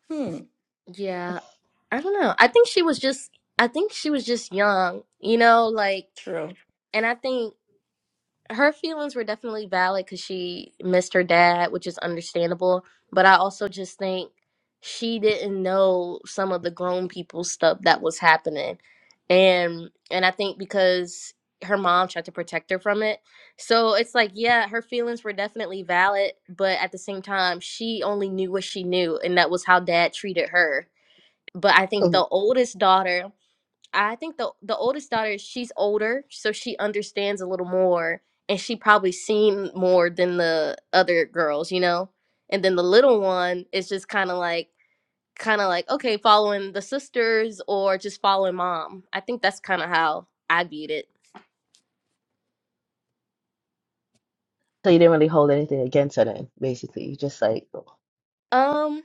S2: Hmm.
S3: Yeah, I don't know. I think she was just, I think she was just young, you know, like,
S2: True.
S3: and I think her feelings were definitely valid because she missed her dad, which is understandable. But I also just think she didn't know some of the grown people stuff that was happening, and and I think because her mom tried to protect her from it, so it's like yeah, her feelings were definitely valid, but at the same time, she only knew what she knew, and that was how dad treated her. But I think
S1: Mhm.
S3: the oldest daughter I think the the oldest daughter she's older, so she understands a little more, and she probably seen more than the other girls, you know. And then the little one is just kind of like, kind of like, okay, following the sisters or just following mom. I think that's kind of how I viewed it.
S1: So you didn't really hold anything against her then, basically. You just like,
S3: Um,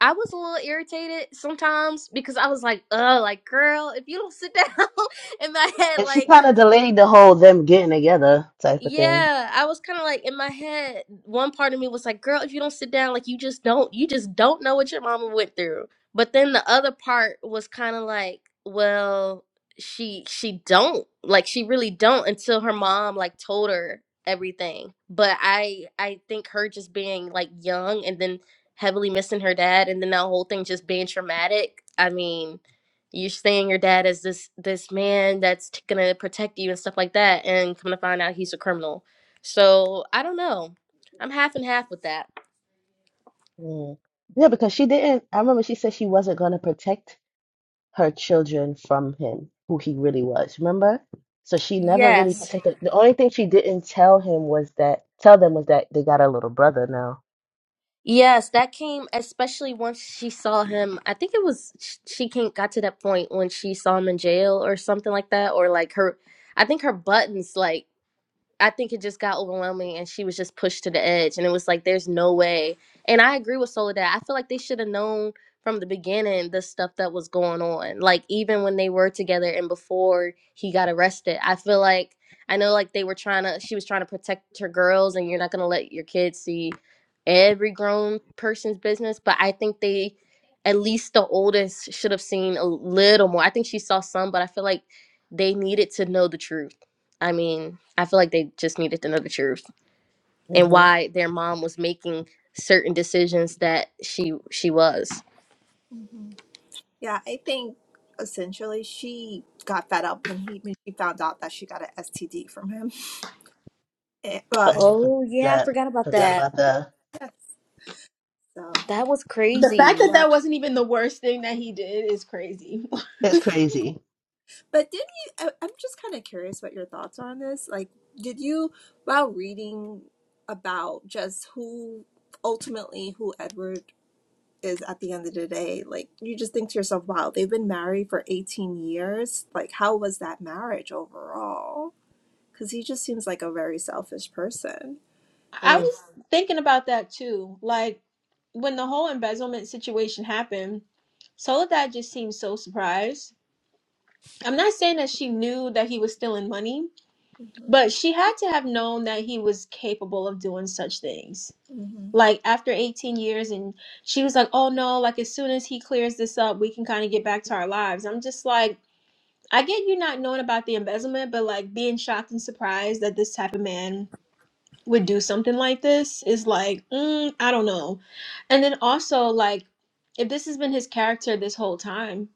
S3: I was a little irritated sometimes because I was like, uh, like girl, if you don't sit down *laughs* in my head,
S1: and she
S3: like.
S1: kind of delayed the whole them getting together type of thing.
S3: Yeah, I was kind of like in my head, one part of me was like, girl, if you don't sit down, like you just don't, you just don't know what your mama went through. But then the other part was kind of like, well, she she don't, like she really don't until her mom like told her everything. But I I think her just being like young and then heavily missing her dad and then that whole thing just being traumatic. I mean, you're saying your dad is this this man that's t- gonna protect you and stuff like that, and come to find out he's a criminal. So I don't know. I'm half and half with that.
S1: Mm. Yeah, because she didn't. I remember she said she wasn't going to protect her children from him, who he really was. Remember? So she never really
S3: Yes.
S1: protected. The only thing she didn't tell him was that tell them was that they got a little brother now.
S3: Yes, that came especially once she saw him. I think it was sh- she came got to that point when she saw him in jail or something like that, or like her. I think her buttons like. I think it just got overwhelming and she was just pushed to the edge and it was like there's no way. And I agree with Soledad. I feel like they should have known from the beginning the stuff that was going on. Like even when they were together and before he got arrested. I feel like I know like they were trying to she was trying to protect her girls and you're not going to let your kids see every grown person's business, but I think they at least the oldest should have seen a little more. I think she saw some, but I feel like they needed to know the truth I mean, I feel like they just needed to know the truth and
S1: Mm-hmm.
S3: why their mom was making certain decisions that she she was.
S6: hmm Yeah, I think essentially she got fed up when he when she found out that she got an STD from him. *laughs* Eh, well,
S1: Oh yeah, for
S3: Oh, yeah, I
S1: that.
S3: forgot about
S1: Forgot
S6: I-
S3: that.
S1: about that.
S6: *laughs* so
S3: That was
S4: The fact that
S3: crazy.
S6: yeah.
S4: that wasn't even the worst thing that he did is crazy.
S1: That's crazy.
S6: But did you I, I'm just kind of curious what your thoughts are on this. Like did you while reading about just who ultimately who Edward is at the end of the day, like you just think to yourself, wow, they've been married for 18 years. Like, how was that marriage overall? Because he just seems like a very selfish person.
S4: *laughs* I
S3: Mm.
S4: was thinking about that too. Like when the whole embezzlement situation happened, Soledad just seemed so surprised. I'm not saying that she knew that he was stealing money,
S6: hmm
S4: but she had to have known that he was capable of doing such things.
S6: hmm
S4: like after 18 years and she was like oh no like as soon as he clears this up we can kind of get back to our lives i'm just like i get you not knowing about the embezzlement but like being shocked and surprised that this type of man would do something like this is like mm, i don't know and then also like if this has been his character this whole time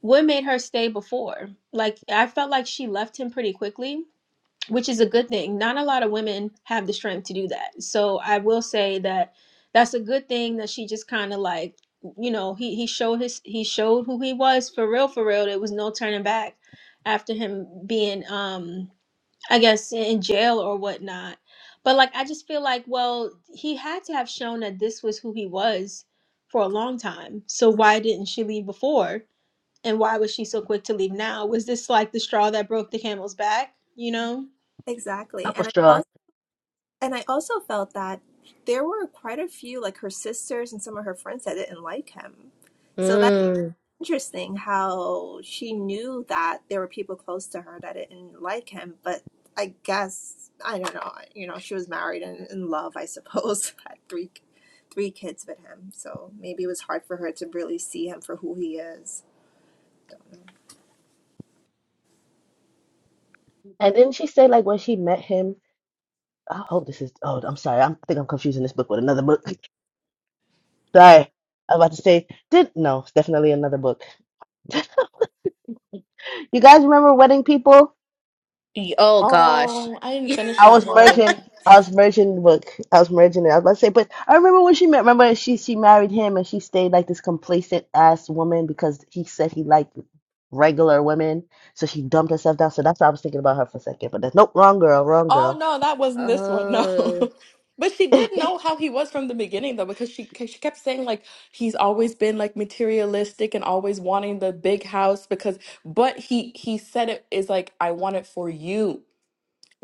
S4: what made her stay before like i felt like she left him pretty quickly which is a good thing. Not a lot of women have the strength to do that. So I will say that that's a good thing that she just kind of like, you know, he he showed his he showed who he was for real for real. There was no turning back after him being um I guess in jail or whatnot. But like I just feel like well, he had to have shown that this was who he was for a long time. So why didn't she leave before? And why was she so quick to leave now? Was this like the straw that broke the camel's back, you know?
S6: Exactly.
S1: That
S6: And
S1: was
S6: I
S1: strong.
S6: also and I also felt that there were quite a few like her sisters and some of her friends that didn't like him. So
S3: Mm.
S6: interesting how she knew that there were people close to her that didn't like him, but I guess I don't know. You know, she was married and in love, I suppose, *laughs* had three three kids with him. So maybe it was hard for her to really see him for who he is.
S1: And then she said, like, when she met him, I hope this is. Oh, I'm sorry. I'm, I think I'm confusing this book with another book. *laughs* Sorry. I was about to say, did no, it's definitely another book. *laughs* You guys remember Wedding People?
S3: Y- Oh gosh.
S2: Oh, I didn't
S3: *laughs*
S2: finish
S1: I
S2: that
S1: was
S2: one.
S1: merging. I was merging the book. I was merging it. I was about to say, but I remember when she met. Remember she she married him and she stayed like this complacent ass woman because he said he liked regular women. So she dumped herself down. So that's why I was thinking about her for a second. But that's nope, wrong girl, wrong
S2: Oh
S1: girl.
S2: no, that wasn't this one. No. *laughs*
S3: Oh,
S2: But she
S1: *laughs*
S2: did know how he was from the beginning though, because she she kept saying like he's always been like materialistic and always wanting the big house because but he he said it is like I want it for you.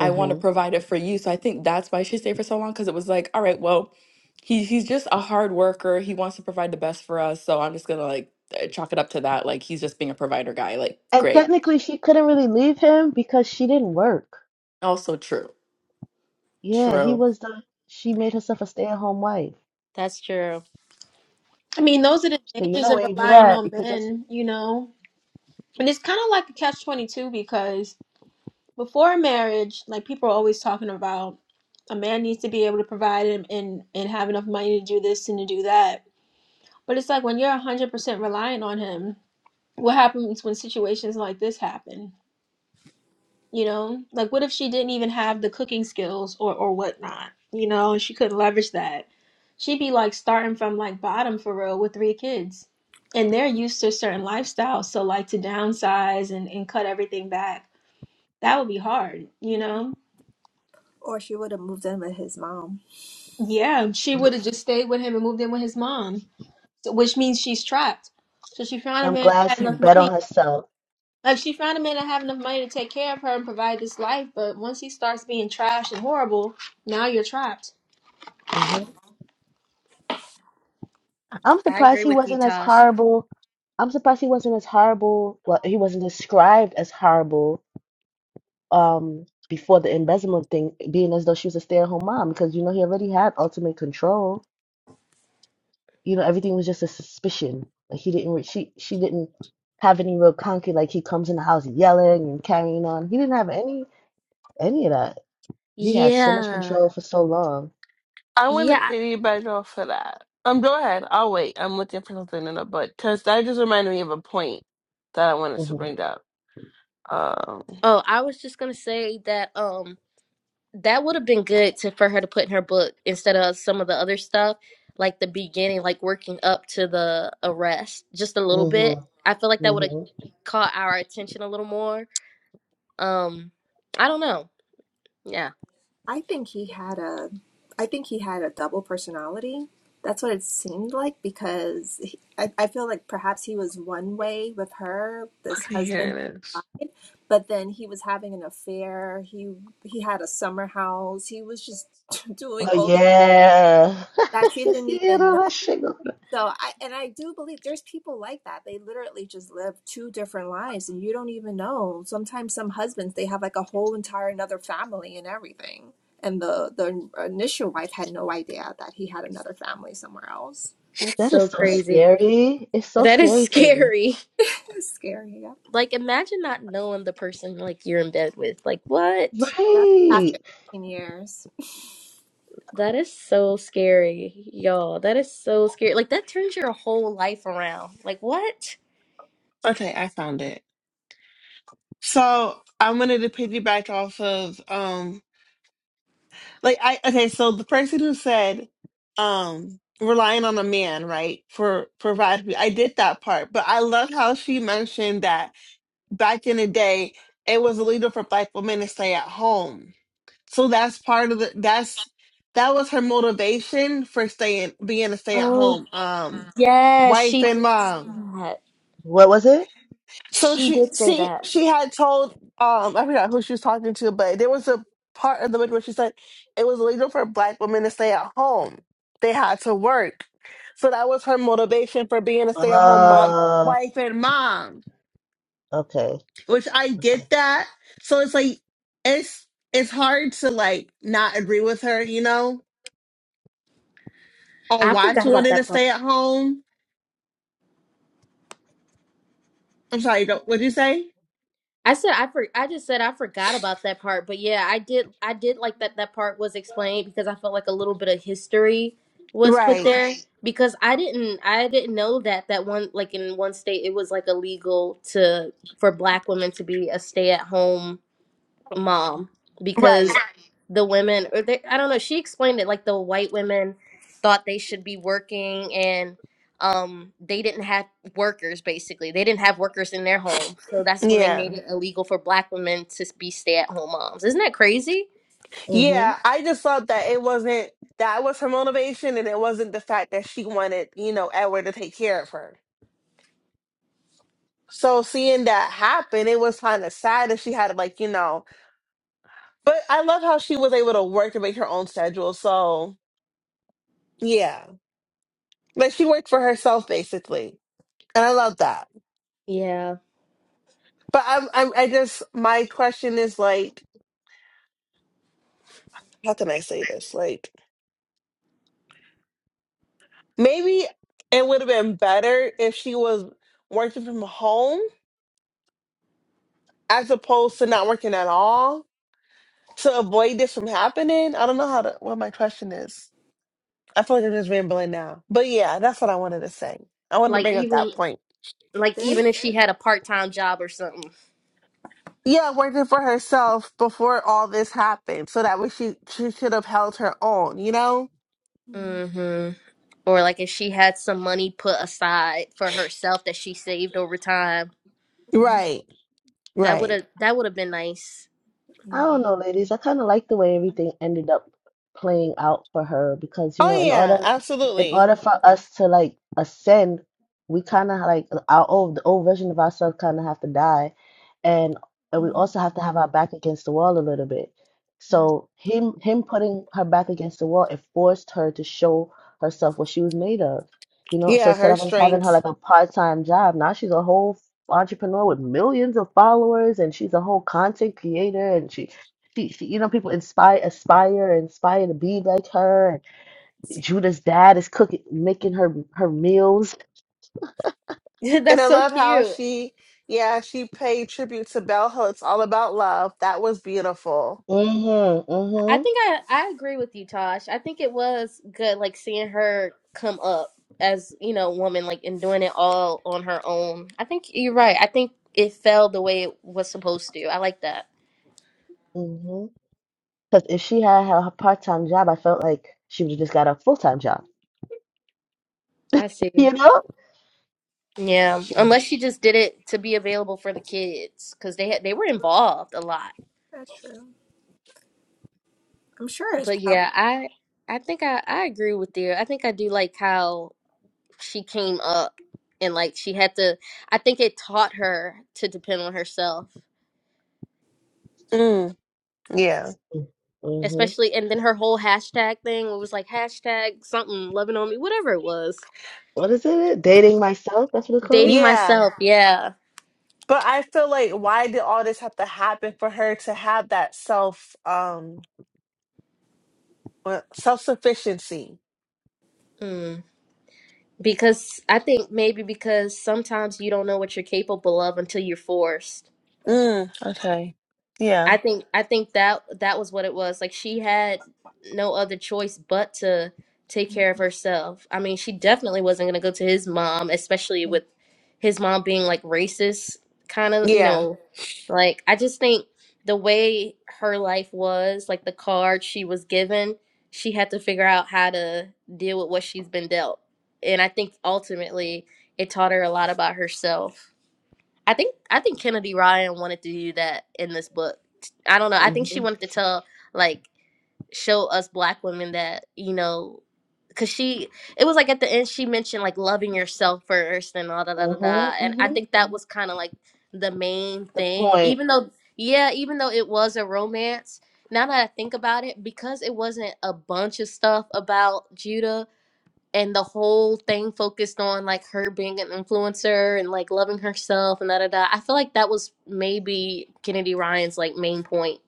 S2: I want to provide it for you. So I think that's why she stayed for so long because it was like, all right, well, he he's just a hard worker. He wants to provide the best for us. So I'm just gonna like eh, chalk it up to that. Like he's just being a provider guy. Like
S1: And
S2: great.
S1: technically, she couldn't really leave him because she didn't work.
S2: Also true.
S1: Yeah, he
S2: True.
S1: was the. She made herself a stay-at-home wife.
S3: that's true.
S4: I mean, those are the
S1: So you
S4: dangers
S1: know
S4: of
S1: when you do
S4: relying
S1: that, you
S4: on
S1: could just.
S4: men, you know? And it's kind of like a catch 22 because before marriage, like people are always talking about a man needs to be able to provide and, and, and have enough money to do this and to do that. But it's like when you're 100% reliant on him, what happens when situations like this happen? you know like what if she didn't even have the cooking skills or or whatnot you know and she couldn't leverage that she'd be like starting from like bottom for real with three kids and they're used to certain lifestyles so like to downsize and, and cut everything back that would be hard you know
S6: Or she would have moved in with his mom.
S4: yeah she would have just stayed with him and moved in with his mom so, which means she's trapped so she found a
S1: I'm
S4: man
S1: glad
S4: that had
S1: she
S4: enough
S1: bet
S4: money
S1: on herself.
S4: like she found a man that had enough money to take care of her and provide this life but once he starts being trash and horrible now you're trapped
S1: hmm I'm
S3: I
S1: surprised
S3: agree
S1: he
S3: with you,
S1: wasn't as
S3: Tosh.
S1: horrible. I'm surprised he wasn't as horrible. Well, he wasn't described as horrible. Um, before the embezzlement thing, being as though she was a stay-at-home mom, because you know he already had ultimate control. you know everything was just a suspicion like he didn't re- she she didn't have any real concrete like he comes in the house yelling and carrying on he didn't have any any of that he had so much
S3: Yeah.
S1: control for so long
S5: I want to
S3: Yeah.
S5: piggyback off of that. Um, go ahead. I'll wait. I'm looking for something in the book because that just reminded me of a point that I wanted to
S1: mm-hmm
S5: bring up.
S3: Oh, I was just gonna say that. Um. that would have been good to for her to put in her book instead of some of the other stuff, like the beginning, like working up to the arrest, just a little bit.
S1: mm-hmm
S3: I feel like that would have
S1: mm-hmm
S3: caught our attention a little more. Um, I don't know. Yeah,
S6: I think he had a I think he had a double personality. That's what it seemed like because he, I, I feel like perhaps he was one way with her, this
S5: Okay,
S6: husband
S5: here it is.
S6: but then he was having an affair he he had a summer house he was just *laughs* doing
S1: oh
S6: all these
S1: yeah *laughs*
S6: that she
S1: just
S6: didn't
S1: yeah
S6: even know
S1: all that shit go-
S6: so i and i do believe there's people like that they literally just live two different lives and you don't even know sometimes some husbands they have like a whole entire another family and everything and the the initial wife had no idea that he had another family somewhere else
S3: that's
S1: that is
S3: so
S1: so
S3: crazy.
S1: scary it's so
S6: *laughs*
S3: That is
S1: scary to me
S3: scary. *laughs*
S6: it's scary yeah
S3: Like, imagine not knowing the person like you're in bed with. Like, what?
S6: That's after
S1: right
S6: 18 years
S3: That is so scary, y'all. That is so scary. Like, that turns your whole life around. Like, what?
S5: Okay, I found it. So I wanted to piggyback off of um like I okay, so the person who said um relying on a man, right, for provide me. I did that part, but I love how she mentioned that back in the day it was illegal for black women to stay at home. So that's part of the that's that was her motivation for staying being a stay at
S3: Oh,
S5: home um
S3: yes,
S5: wife
S3: she
S5: and
S3: did say
S5: mom.
S3: that.
S1: what was it
S5: So
S3: She
S5: she
S3: did say
S5: she
S3: that.
S5: she had told um I forgot who she was talking to, but there was a part of the book where she said it was illegal for black women to stay at home. They had to work. So that was her motivation for being a stay at home mom
S1: uh
S5: wife and mom.
S1: okay
S5: Which I
S1: okay
S5: get that. So it's like it's it's hard to like not agree with her, you know, on
S3: I
S5: why she
S3: forgot about
S5: wanted to
S3: that part.
S5: stay at home. I'm sorry, don't what'd you say?
S3: I said I for, I just said I forgot about that part, but yeah, I did I did like that that part was explained because I felt like a little bit of history was put
S5: Right.
S3: there because I didn't I didn't know that that one like in one state it was like illegal to for black women to be a stay at home mom because
S5: Right.
S3: the women or they I don't know, she explained it like the white women thought they should be working and um they didn't have workers basically. They didn't have workers in their home. So that's when they
S5: Yeah.
S3: made it illegal for black women to be stay-at-home moms. Isn't that crazy?
S1: Mm-hmm.
S5: Yeah, I just thought that it wasn't that was her motivation and it wasn't the fact that she wanted, you know, Edward to take care of her. So seeing that happen, it was kind of sad that she had to like, you know, but I love how she was able to work to make her own schedule. So yeah, like she worked for herself basically. And I love that.
S3: Yeah.
S5: But I'm, I'm, I just, my question is like, how can I say this? Like maybe it would have been better if she was working from home as opposed to not working at all to avoid this from happening. I don't know how to what my question is. I feel like I'm just rambling now. But yeah, that's what I wanted to say. I wanted to
S3: Like
S5: bring up that
S3: even
S5: point.
S6: *laughs*
S3: like
S6: there's
S3: even if she had a part-time job or something.
S5: Yeah, working for herself before all this happened. So that way she she should have held her own, you know?
S6: Mhm.
S3: Mhm. Or like if she had some money put aside for herself that she saved over time,
S6: Mhm.
S5: Right.
S3: that would
S5: Right.
S3: have that would have been nice.
S1: I
S6: yeah
S1: don't know, ladies. I kind of like the way everything ended up playing out for her because, you
S5: Oh
S1: know, in
S5: yeah,
S1: order in
S5: absolutely.
S1: order for us to like ascend, we kind of like our old the old version of ourselves kind of have to die, and and we also
S6: Mhm.
S1: have to have our back against the wall a little bit. So him him putting her back against the wall, it forced her to show herself what she was made of. You know, so
S5: Yeah,
S1: instead
S5: her
S1: of us having her
S5: strengths.
S1: like a part-time job, now she's a whole entrepreneur with millions of followers and she's a whole content creator and she she, she you know people inspire aspire inspire to be like her and Judah's dad is cooking making her her meals
S3: *laughs*
S5: And
S3: That's
S5: I
S3: so
S5: love how
S3: cute.
S5: she yeah, she paid tribute to Bell Hooks, all about love. That was beautiful.
S1: mhm
S3: I
S1: mhm
S3: think I I agree with you, Tosh. I think it was good, like seeing her come up as you know, woman, like and doing it all on her own. I think you're right. I think it fell the way it was supposed to. I like that.
S1: mhm cuz if she had her part-time job I felt like she would have just got a full-time job
S3: I see.
S1: you know
S3: Yeah,
S1: she
S3: unless she just did it to be available for the kids because they had, they were involved a lot.
S6: That's true. I'm sure it's
S3: But
S6: probably
S3: yeah, I I think I I agree with you. I think I do like how. she came up and like she had to I think it taught her to depend on herself.
S5: Mm, yeah.
S1: mhm
S3: Especially and then her whole hashtag thing it was like hashtag something loving on me, whatever it was.
S1: what is it dating myself that's what it's called
S3: Dating
S5: Yeah.
S3: myself, yeah.
S5: But I feel like why did all this have to happen for her to have that self um self sufficiency?
S3: Mm. Because I think maybe because sometimes you don't know what you're capable of until you're forced.
S6: that's
S5: Mm, okay. Yeah.
S3: I think I think that that was what it was. Like she had no other choice but to take
S6: true.
S3: care of
S6: Mhm.
S3: herself. I mean, she definitely wasn't going to go to his mom, especially with his mom being like racist kind
S6: Yep.
S3: of, you
S5: Yeah.
S3: know, like I just think the way her life was, like the card she was given, she had to figure out how to deal with what she's been dealt. And I think ultimately it taught her a lot about herself. I think I think Kennedy Ryan wanted to do that in this book. I don't know. I think she
S1: mhm
S3: wanted to tell like show us black women that, you know, cuz she it was like at the end she mentioned like loving yourself first and all da da da da
S1: mhm
S3: and I
S1: mhm
S3: think that
S6: Mhm.
S3: was kind of like the main
S1: the
S3: thing
S1: point
S3: even though yeah, even though it was a romance now that I think about it, because it wasn't a bunch of stuff about Judah, and the whole thing focused on like her being an influencer and like loving herself and da da da. I feel like that was maybe Kennedy Ryan's like main point.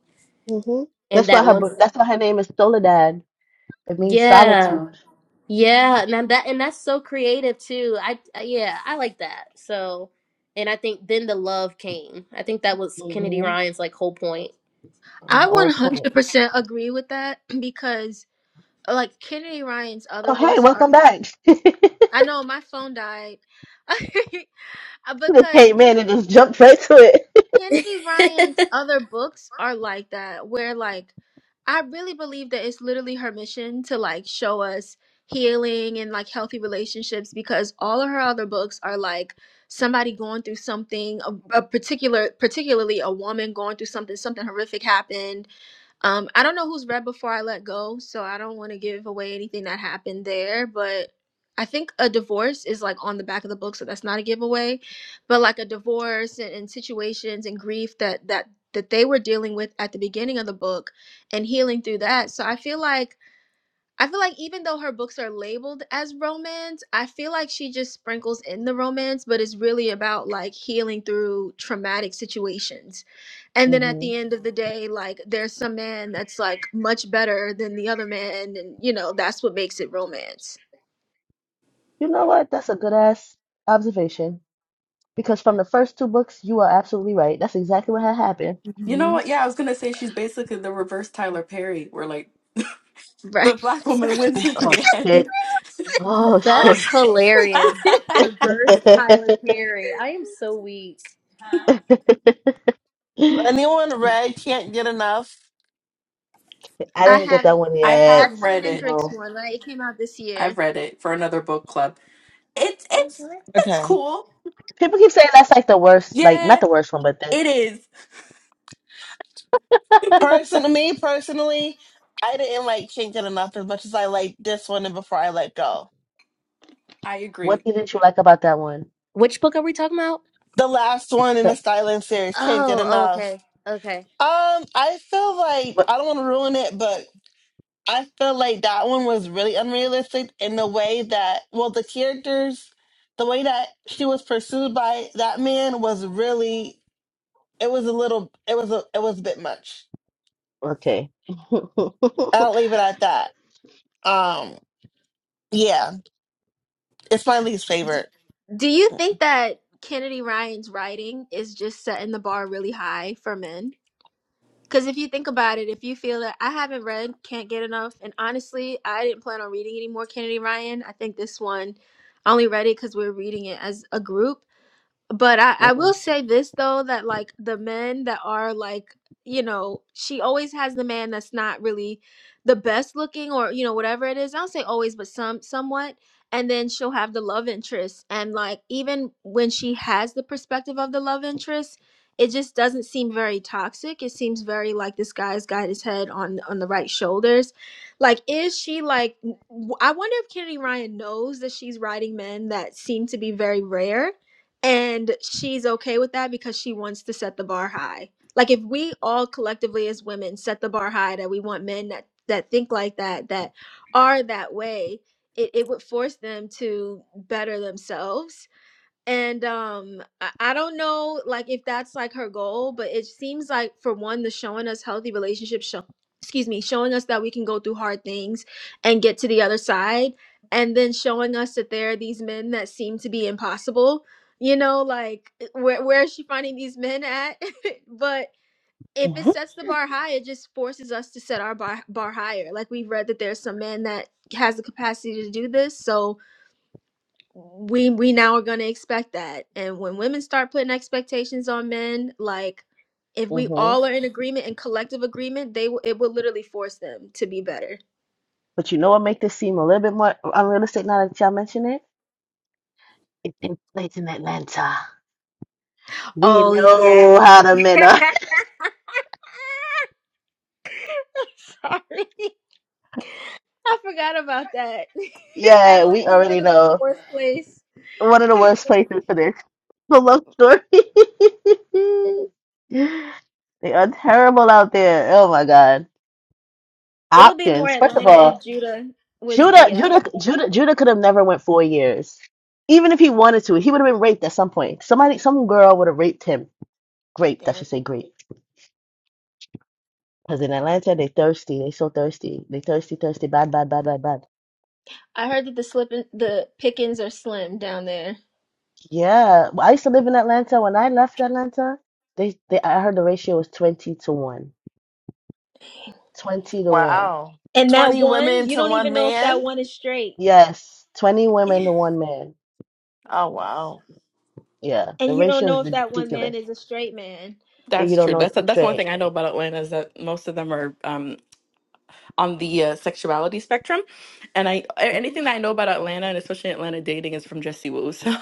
S1: mhm
S3: And
S1: that's why
S3: that
S1: her
S3: once,
S1: bo- that's why her name is Soledad It means
S3: yeah,
S1: solitude.
S6: Mhm.
S3: yeah, and that and that's so creative too. I I- yeah, I like that. So, and I think then the love came. I think that was Kennedy
S1: Mm-hmm.
S3: Ryan's like whole point.
S1: Our
S4: I
S1: old point.
S4: 100% agree with that *clears throat* because, uh, like, Kennedy Ryan's
S1: Oh,
S4: other
S1: hey,
S4: books are.
S1: welcome back. *laughs*
S4: I know my phone died. *laughs* because
S1: Came in
S4: Ken,
S1: and just jumped right to it.
S3: *laughs*
S4: Kennedy Ryan's
S3: that
S4: other books are like that, where, like, I really believe that it's literally her mission to, like, show us healing and, like, healthy relationships because all of her other books are, like, somebody going through something a, a particular particularly a woman going through something something horrific happened Um, I don't know who's read before I let go, so I don't want to give away anything that happened there, but I think a divorce is like on the back of the book, so that's not a giveaway. But like a divorce and, and situations and grief that that that they were dealing with at the beginning of the book and healing through that. So I feel like I feel like even though her books are labeled as romance, I feel like she just sprinkles in the romance, but it's really about like healing through traumatic situations and then at
S1: hmm
S4: the end of the day like there's some man that's like much better than the other man and you know that's what makes it romance
S1: You know what? That's a good ass observation. Because from the first two books, you are absolutely right. That's exactly what had happened.
S2: You know
S4: hmm
S2: what? Yeah, I was gonna say she's basically the reverse Tyler Perry, where like the *laughs*
S4: right
S2: black
S4: *laughs*
S2: woman wins in
S1: Oh,
S2: the end.
S1: shit. Oh,
S3: is
S1: shit.
S3: hilarious.
S2: *laughs*
S3: Reverse Tyler Perry. I am so weak.
S1: *laughs*
S5: Anyone read can't get enough.
S1: I
S4: i
S1: didn't get that
S4: haven't
S1: one
S2: I
S4: that's
S1: yet.
S2: have
S4: the
S2: read it.
S4: hendrix
S1: No.
S4: one right it came out this year
S2: I've read it for another book club. It's it's it's
S5: Okay.
S2: cool.
S1: People keep saying that's like the worst, like,
S2: Yeah,
S1: not the worst one, but that.
S2: it is.
S1: *laughs*
S5: Person me personally, I didn't like can't get enough as much as I liked this one and before I let go.
S2: I agree.
S1: what didn't you like about that one?
S3: Which book are we talking about?
S5: The last one in the
S1: The,
S5: Styling series, can't get
S3: Oh, oh,
S5: enough.
S3: okay. Okay.
S5: Um, I feel like
S1: what?
S5: I don't want to ruin it, but I feel like that one was really unrealistic in the way that, well, the characters, the way that she was pursued by that man was really, it was a little, it was a, it was a bit much.
S1: Okay. *laughs*
S5: I'll leave it at that. Um, yeah, it's my least favorite.
S4: do you think that kennedy ryan's writing is just setting the bar really high for men Because if you think about it, if you feel that I haven't read Can't Get Enough, and honestly, I didn't plan on reading any more Kennedy Ryan. I think this one, I only read it because we're reading it as a group but I, I
S1: hmm
S4: will say this though that like the men that are like you know she always has the man that's not really the best looking or you know whatever it is i don't say always but some somewhat and then she'll have the love interest and like even when she has the perspective of the love interest it just doesn't seem very toxic it seems very like this guy's got his head on on the right shoulders like is she like w- i wonder if kennedy ryan knows that she's writing men that seem to be very rare and she's okay with that because she wants to set the bar high like if we all collectively as women set the bar high that we want men that that think like that that are that way it, it would force them to better themselves and um I, I don't know like if that's like her goal but it seems like for one the showing us healthy relationships show excuse me showing us that we can go through hard things and get to the other side and then showing us that there are these men that seem to be impossible you know like eh, where, where is she finding these men at *laughs* but if it
S1: hmm
S4: sets the bar high it just forces us to set our bar, bar higher like we've read that there's some man that has the capacity to do this so we we now are going to expect that and when women start putting expectations on men like if we
S1: hmm
S4: all are in agreement and collective agreement they will it will literally force them to be better
S1: But you know what make this seem a little bit more unrealistic now that y'all mention it? It takes place in Atlanta. We
S4: oh yeah
S1: know how
S4: *laughs*
S1: to men are. *laughs*
S4: sorry i forgot about that *laughs*
S1: Yeah, we
S4: atlanta's
S1: already
S4: literally the
S1: know.
S4: worst place
S1: One of the worst
S4: *sighs*
S1: places for this. *laughs* The love story. *laughs* They are terrible out there. Oh my God.
S4: it would be more
S1: Options. First of
S4: atlanta if
S1: all,
S4: judah was
S1: Judah,
S4: DL.
S1: Judah, Judah, Judah could have never went four years. Even if he wanted to, he would have been raped at some point. Somebody, some girl would have raped him. Raped, I
S4: Damn.
S1: should say, raped. Because in Atlanta, they thirsty. They so thirsty. They thirsty, thirsty, bad, bad, bad, bad, bad.
S4: i heard that the slipping the pickings are slim down there
S1: Yeah. Well, I used to live in Atlanta. When I left Atlanta, they, they I heard the ratio was 20 to 1. 20 to 1.
S5: Wow.
S4: and that
S5: 20
S4: one
S5: women
S4: you
S5: to
S4: don't even
S5: one
S4: know if that
S5: man.
S4: one is straight
S1: Yes. 20
S4: *laughs*
S1: women to one man.
S5: Oh wow.
S1: Yeah. The
S4: And you don't
S1: ratio
S4: know
S1: is
S4: if that one man
S1: ridiculous.
S4: is a straight man.
S1: And you
S2: That's
S1: don't
S2: true.
S1: know
S2: That's
S1: it's
S2: that's one
S1: straight.
S2: thing I know about Atlanta is that most of them are um, on the uh, sexuality spectrum, and I a- anything that I know about Atlanta and especially Atlanta dating is from Jesse Wu. So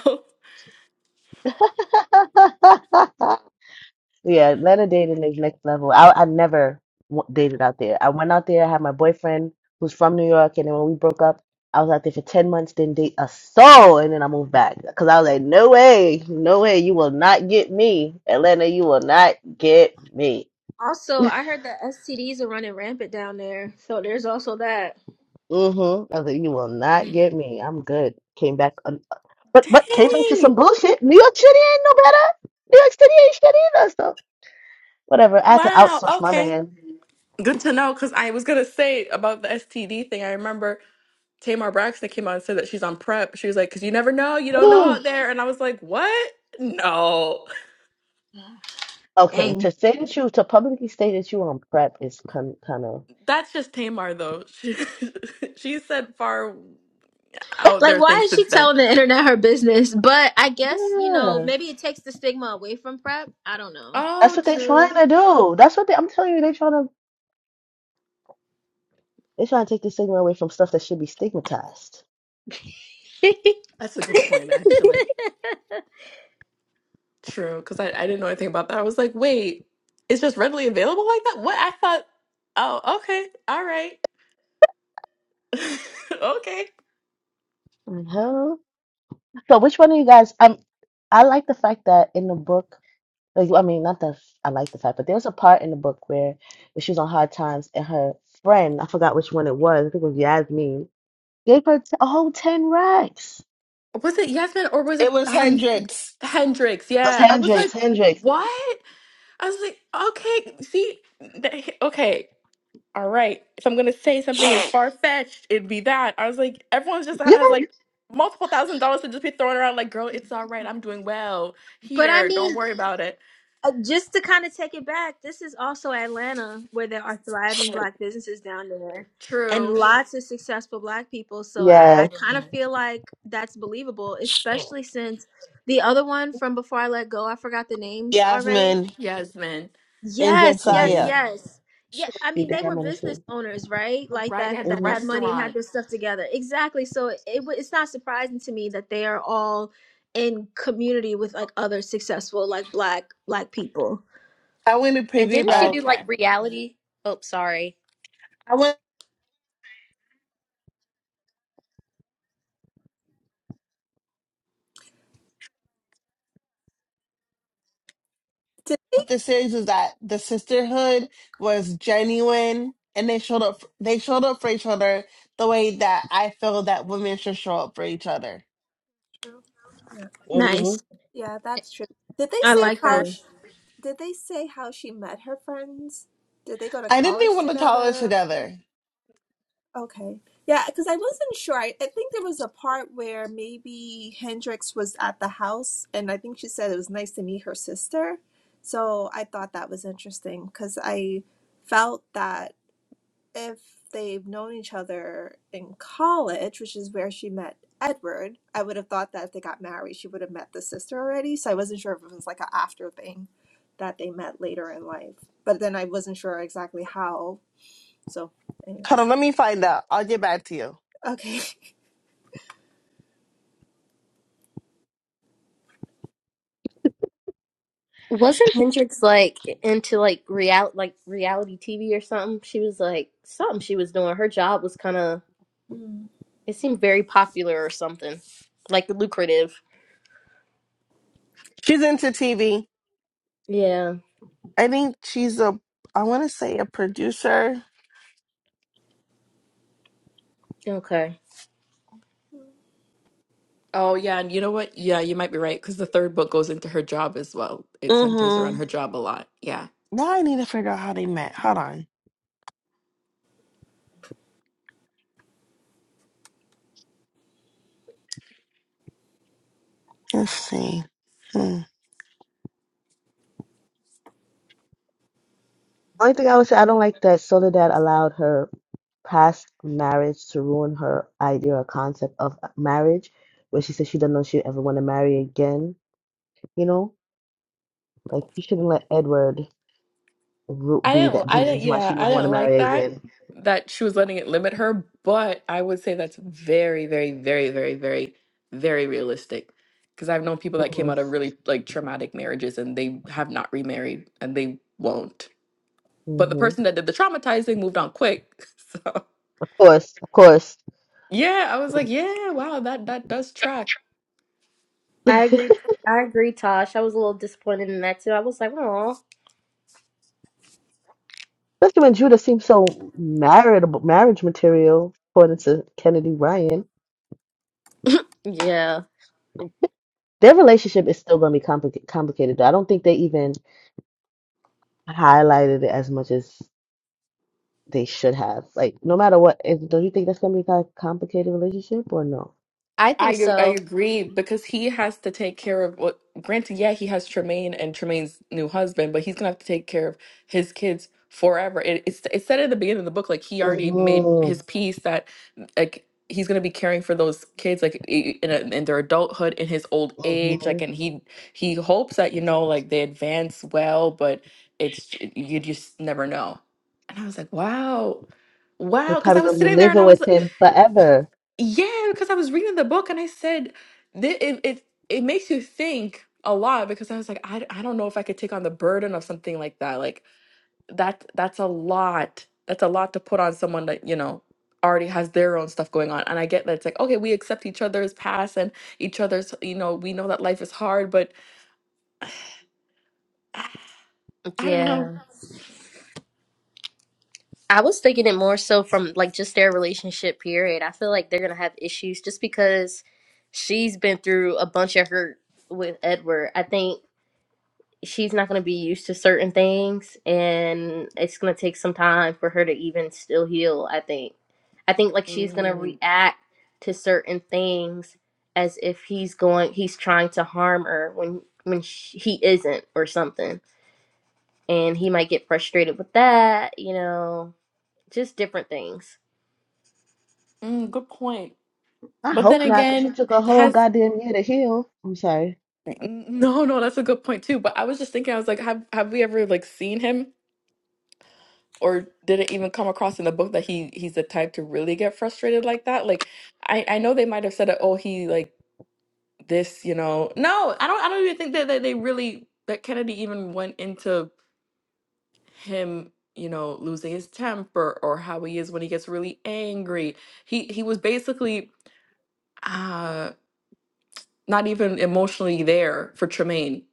S1: *laughs* Yeah, Atlanta dating is next level. I I never w dated out there. I went out there, I had my boyfriend who's from New York, and then when we broke up, I was out there for 10 months, didn't date a soul, and then I moved back because I was like, no way, no way, you will not get me. Atlanta, you will not get me.
S4: Also, I heard that STDs are running rampant down there, so there's also that.
S1: Mm-hmm. I was like, you will not
S4: Mm.
S1: get me. I'm good. Came back, un
S2: *laughs*
S1: but but came back to
S2: dang.
S1: some bullshit. New York City ain't no better. New York City ain't shit either. So whatever. I had to
S2: Wow.
S1: outsource my
S2: Okay.
S1: man.
S2: Good to know because I was gonna say about the STD thing. I remember Tamar Braxton came out and said that she's on prep. She was like, "Cause you never know, you don't know
S1: *gasps*
S2: out there." And I was like, "What? No,
S1: Okay,
S4: Dang.
S1: to say that you to publicly state that you on prep is kind kind of
S2: that's just Tamar though. She *laughs* she said far out
S4: Like,
S2: there
S4: why
S2: things
S4: is
S2: since
S4: she
S2: then."
S4: telling the internet her business? But I guess, you know,
S1: yeah.
S4: maybe it takes the stigma away from PrEP. I don't know.
S1: That's
S2: Oh,
S1: what they're
S2: true.
S1: trying to do. That's what they. I'm telling you, they're trying to they're trying to take the stigma away from stuff that should be stigmatized.
S2: That's a good point, actually.
S3: *laughs*
S2: True, because I, I didn't know anything about that. I was like, "Wait, it's just readily available like that?" What I thought. Oh, okay. All right. *laughs* okay.
S1: Like, huh? So, which one of you guys? Um, I like the fact that in the book, like, I mean, not that I like the fact, but there was a part in the book where when she was on hard times and her friend, I forgot which one it was. I think it was Yasmin. Gave her t- a whole ten racks
S2: Was it Yasmin or was it
S5: It was
S2: um
S5: hundreds.
S2: Hendrix?
S1: of
S2: Yeah, I was like,
S1: handshakes, handshakes.
S2: what? I was like, okay, see, th- okay, all right. If I'm gonna say something is far fetched, it'd be that. I was like, everyone's just
S1: Yeah,
S2: has like multiple thousand dollars to just be throwing around. Like, girl, it's all right. I'm doing well.
S4: *laughs* but I
S2: Here,
S4: mean,
S2: don't worry about it.
S4: Uh, just to kind of take it back, this is also Atlanta where there are thriving black businesses down there and
S2: True,
S4: lots of successful black people. So I,
S1: yeah.
S4: I kind of Mhm. feel like that's believable, especially since the other one from before I let go, I forgot the names already.
S5: Yasmin
S2: Yasmin.
S5: and
S4: Yes, yes,
S1: Mm-hmm.
S5: Josiah.
S4: yes. Yeah, I
S1: She
S4: mean
S1: did
S4: they
S1: have
S4: were
S1: money
S4: business
S1: too.
S4: owners, right?
S2: All
S4: Like
S2: right, they
S4: that
S2: had the
S4: that had
S1: hmm
S4: money and had
S2: restaurant.
S4: their stuff together. Exactly. So it, it wa- it's not surprising to me that they are all in community with like other successful like black black people.
S5: I went to
S3: and didn't she
S5: piggyback.
S3: do like
S2: Okay.
S3: reality? Oh, sorry.
S5: I went.
S6: Did they?
S5: what this is is that the sisterhood was genuine and they showed up they showed up for each other the way that I feel that women should show up for each other.
S6: True. Yeah.
S1: hmm
S4: Nice.
S6: Yeah, that's true. Did they
S4: I
S6: say
S4: like
S3: That's
S6: how?
S4: that.
S3: true.
S6: She, did they say how she met her friends? Did they go to
S5: I didn't even
S6: college
S5: want to college
S6: together?
S5: together.
S6: Okay. Yeah, because I wasn't sure. I, I think there was a part where maybe Hendrix was at the house, and I think she said it was nice to meet her sister. So I thought that was interesting because I felt that if they've known each other in college, which is where she met Edward, I would have thought that if they got married, she would have met the sister already. So I wasn't sure if it was like an after thing that they met later in life. But then I wasn't sure exactly how. So,
S5: Hold on,
S6: anyways,
S5: let me find out. I'll get back to you.
S6: okay. *laughs*
S3: Wasn't Hendrix like into like real like reality TV or something? She was like something she was doing. Her job was kind of
S6: Mm.
S3: it seemed very popular or something, like lucrative.
S5: She's into TV.
S3: Yeah.
S5: I think she's a I wanna say a producer.
S3: Okay.
S2: Oh yeah, and you know what? Yeah, you might be right because the third book goes into her job as well. It centers around
S5: Mm-hmm.
S2: her job a lot. Yeah.
S5: Now I need to figure out how they met. Hold on. Let's see. Hmm.
S1: Only thing I would say, I don't like that Soledad allowed her past marriage to ruin her idea or concept of marriage, where she said she doesn't know she ever want to marry again. You know, like she shouldn't let Edward ru-
S2: I
S1: be
S2: didn't,
S1: that be
S2: I
S1: the
S2: didn't,
S1: reason why
S2: yeah,
S1: she
S2: I
S1: never want to
S2: didn't like
S1: marry
S2: that,
S1: again.
S2: that she was letting it limit her, but I would say that's very, very, very, very, very, very realistic. Because I've known people that came
S1: hmm
S2: out of really like traumatic marriages and they have not remarried and they won't. But the
S1: hmm
S2: person that did the traumatizing moved on quick. *laughs* So
S1: Of course, of course.
S2: yeah, I was like,
S1: *laughs*
S2: yeah, wow, that that does track.
S3: I
S1: Especially
S3: agree. I agree, Tosh. I was a little disappointed in that too. I was like, oh,
S1: when Judah seems so marriageable, marriage material, according to Kennedy Ryan.
S3: yeah.
S1: Their relationship is still going to be complica- complicated. though. I don't think they even highlighted it as much as they should have. Like, no matter what, is, do you think that's going to be a kind of complicated relationship or no?
S3: I
S2: I
S3: think
S2: ag- I
S3: so.
S2: agree because he has to take care of what. Granted, yeah, he has Tremaine and Tremaine's new husband, but he's gonna have to take care of his kids forever. It, it's it said at the beginning of the book like he already made his
S1: Mm-hmm.
S2: peace that like he's gonna be caring for those kids like i- in a, in their adulthood in his old age like
S1: Mm-hmm.
S2: and he he hopes that you know like they advance well, but it's j- you just never know. And I was like, wow,
S1: They
S2: wow, because I
S1: probably gonna
S2: was
S1: be
S2: sitting there and
S1: living
S2: I was
S1: with
S2: like.
S1: him forever.
S2: Yeah, because I was reading the book and I said that it, it it makes you think a lot because I was like, I, I don't know if I could take on the burden of something like that. Like that that's a lot. That's a lot to put on someone that, you know, already has their own stuff going on. And I get that it's like, okay, we accept each other's past and each other's, you know, we know that life is hard, but *sighs* ah, I don't know.
S3: Yeah. I was thinking it more so from like just their relationship period. I feel like they're gonna have issues just because she's been through a bunch of hurt with Edward. I think she's not gonna be used to certain things and it's gonna take some time for her to even still heal, I think. I think like she's gonna
S2: Mm,
S3: react to certain things as if he's going he's trying to harm her when when sh he isn't or something. And he might get frustrated with that, you know, just different things.
S2: mm, good point.
S1: I
S2: But then
S1: hope not, because you
S2: again,
S1: took a whole
S2: has
S1: goddamn year to heal. I'm sorry.
S2: no, no, that's a good point too. But I was just thinking, I was like, have have we ever like seen him? or did it even come across in the book that he he's the type to really get frustrated like that? Like I I know they might have said that oh he like this you know no I don't I don't even think that, that they really that Kennedy even went into him you know losing his temper or how he is when he gets really angry. He he was basically ah, not even emotionally there for Tremaine.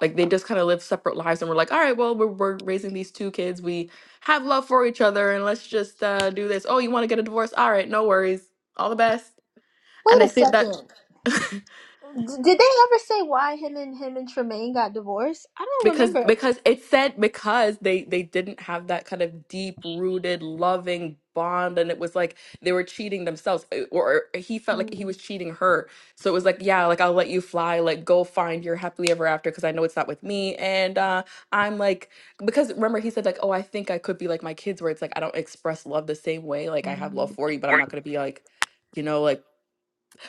S2: Like they just kind of live separate lives and we're like, all right, well, we're, we're raising these two kids. We have love for each other and let's just uh, do this. Oh, you want to get a divorce? All right, no worries. All the best. And
S4: Wait
S2: I
S4: a
S2: think that
S4: second.
S2: *laughs*
S4: D- Did they ever say why him and him and Tremaine got divorced? I don't
S2: because
S4: remember.
S2: because it said because they they didn't have that kind of deep rooted loving bond and it was like they were cheating themselves uh, or or eh, he felt like he
S4: Mm.
S2: was cheating her so it was like yeah like i'll let you fly like go find your happily ever after because i know it's not with me and uh i'm like because remember he said like oh i think i could be like my kids where it's like i don't express love the same way like i have love
S6: Mm.
S2: for you but i'm not going to be like you know like